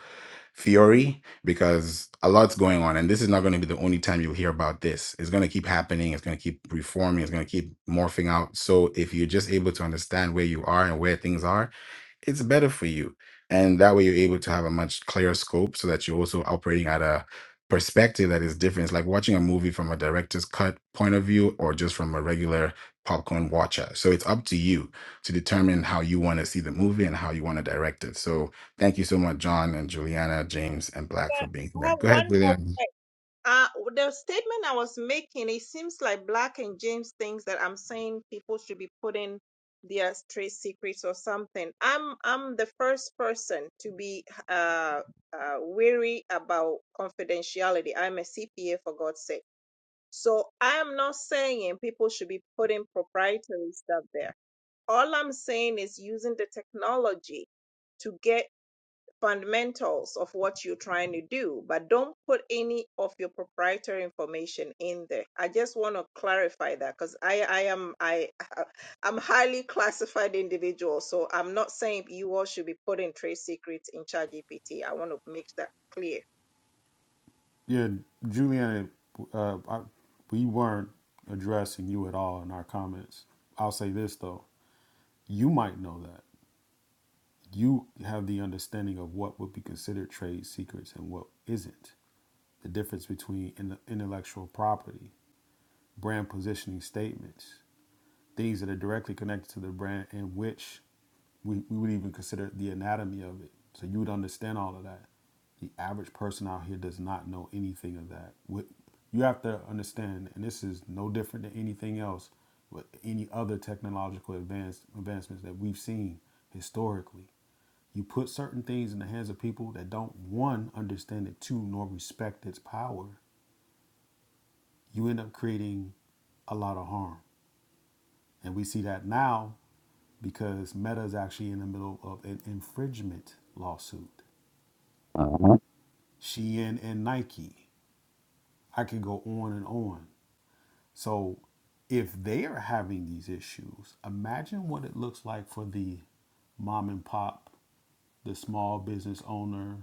Speaker 1: theory because a lot's going on, and this is not going to be the only time you'll hear about this. It's going to keep happening. It's going to keep reforming. It's going to keep morphing out. So if you're just able to understand where you are and where things are, it's better for you, and that way you're able to have a much clearer scope, so that you're also operating at a perspective that is different. It's like watching a movie from a director's cut point of view or just from a regular popcorn watcher. So it's up to you to determine how you want to see the movie and how you want to direct it. So thank you so much, John and Juliana, James, and Black for being
Speaker 6: I
Speaker 1: here.
Speaker 6: have
Speaker 1: Go
Speaker 6: one
Speaker 1: ahead,
Speaker 6: more
Speaker 1: Juliana.
Speaker 6: Uh, the statement I was making, it seems like Black and James thinks that I'm saying people should be putting their trade secrets or something. I'm I'm the first person to be uh, uh, wary about confidentiality. I'm a CPA for God's sake, so I am not saying people should be putting proprietary stuff there. All I'm saying is using the technology to get fundamentals of what you're trying to do, but don't put any of your proprietary information in there. I just want to clarify that because I, I am I I'm highly classified individual, so I'm not saying you all should be putting trade secrets in ChatGPT. I want to make that clear.
Speaker 7: Yeah, Juliana, uh, I, we weren't addressing you at all in our comments. I'll say this though, you might know that. You have the understanding of what would be considered trade secrets and what isn't. The difference between in intellectual property brand positioning statements, things that are directly connected to the brand in which we, we would even consider the anatomy of it. So you would understand all of that. The average person out here does not know anything of that. What you have to understand, and this is no different than anything else with any other technological advance advancements that we've seen historically. You put certain things in the hands of people that don't one understand it, two nor respect its power. You end up creating a lot of harm. And we see that now because Meta is actually in the middle of an infringement lawsuit. Shein and Nike. I could go on and on. So if they are having these issues, imagine what it looks like for the mom and pop, the small business owner,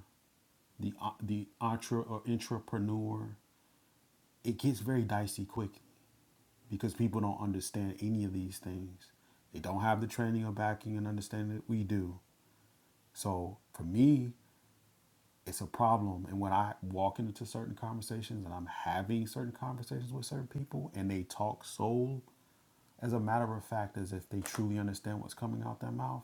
Speaker 7: the uh, the entre or entrepreneur it gets very dicey quickly because people don't understand any of these things. They don't have the training or backing and understanding that we do. So for me, it's a problem and when i walk into certain conversations and i'm having certain conversations with certain people and they talk so as a matter of fact as if they truly understand what's coming out their mouth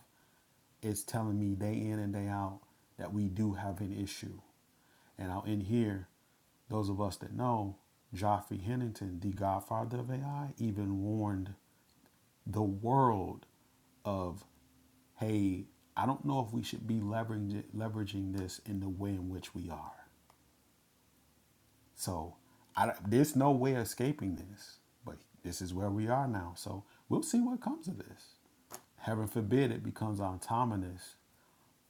Speaker 7: it's telling me day in and day out that we do have an issue and out in here those of us that know Geoffrey hennington the godfather of ai even warned the world of hey i don't know if we should be leveraging leveraging this in the way in which we are so I, there's no way escaping this but this is where we are now so we'll see what comes of this heaven forbid it becomes autonomous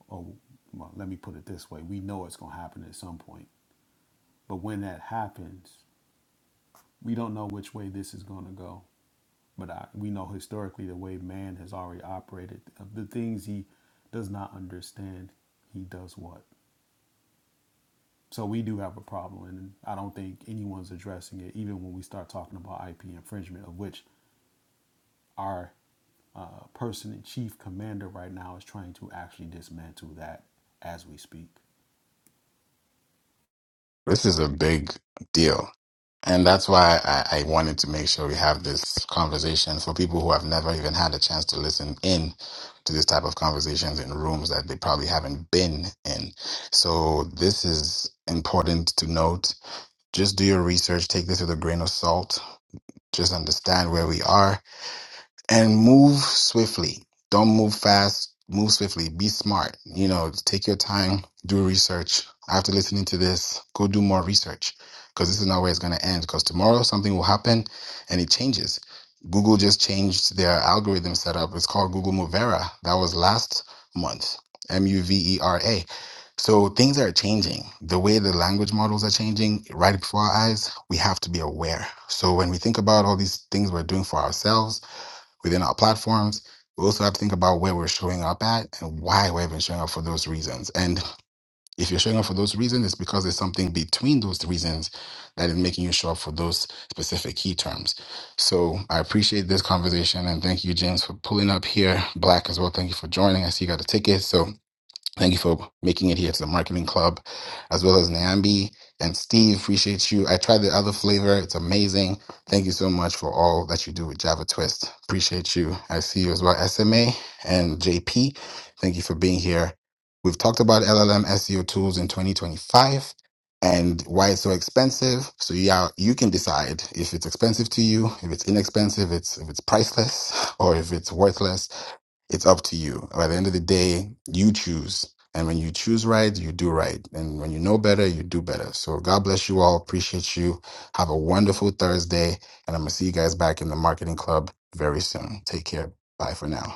Speaker 7: or well let me put it this way we know it's going to happen at some point but when that happens We don't know which way this is going to go, but I, we know historically the way man has already operated, of the things he does not understand, he does what. So we do have a problem, and I don't think anyone's addressing it, even when we start talking about IP infringement, of which our uh, person in chief commander right now is trying to actually dismantle that as we speak.
Speaker 1: This is a big deal. And that's why I, I wanted to make sure we have this conversation for people who have never even had a chance to listen in to this type of conversations in rooms that they probably haven't been in. So this is important to note. Just do your research, take this with a grain of salt, just understand where we are and move swiftly. Don't move fast. Move swiftly. Be smart. You know, take your time. Do research. After listening to this, go do more research because this is not where it's going to end. Because tomorrow something will happen, and it changes. Google just changed their algorithm setup. It's called Google Movera. That was last month. M U V E R A. So things are changing. The way the language models are changing right before our eyes, we have to be aware. So when we think about all these things we're doing for ourselves within our platforms. We also have to think about where we're showing up at and why we've been showing up for those reasons. And if you're showing up for those reasons, it's because there's something between those reasons that is making you show up for those specific key terms. So I appreciate this conversation and thank you, James, for pulling up here. Black as well. Thank you for joining. I see you got a ticket. So Thank you for making it here to the Marketing Club, as well as Nyambi and Steve. Appreciate you. I tried the other flavor, it's amazing. Thank you so much for all that you do with Java Twist. Appreciate you. I see you as well, SMA and JP. Thank you for being here. We've talked about LLM SEO tools in 2025 and why it's so expensive. So yeah, you can decide if it's expensive to you, if it's inexpensive, it's if it's priceless, or if it's worthless it's up to you. By the end of the day, you choose. And when you choose right, you do right. And when you know better, you do better. So God bless you all. Appreciate you. Have a wonderful Thursday. And I'm going to see you guys back in the marketing club very soon. Take care. Bye for now.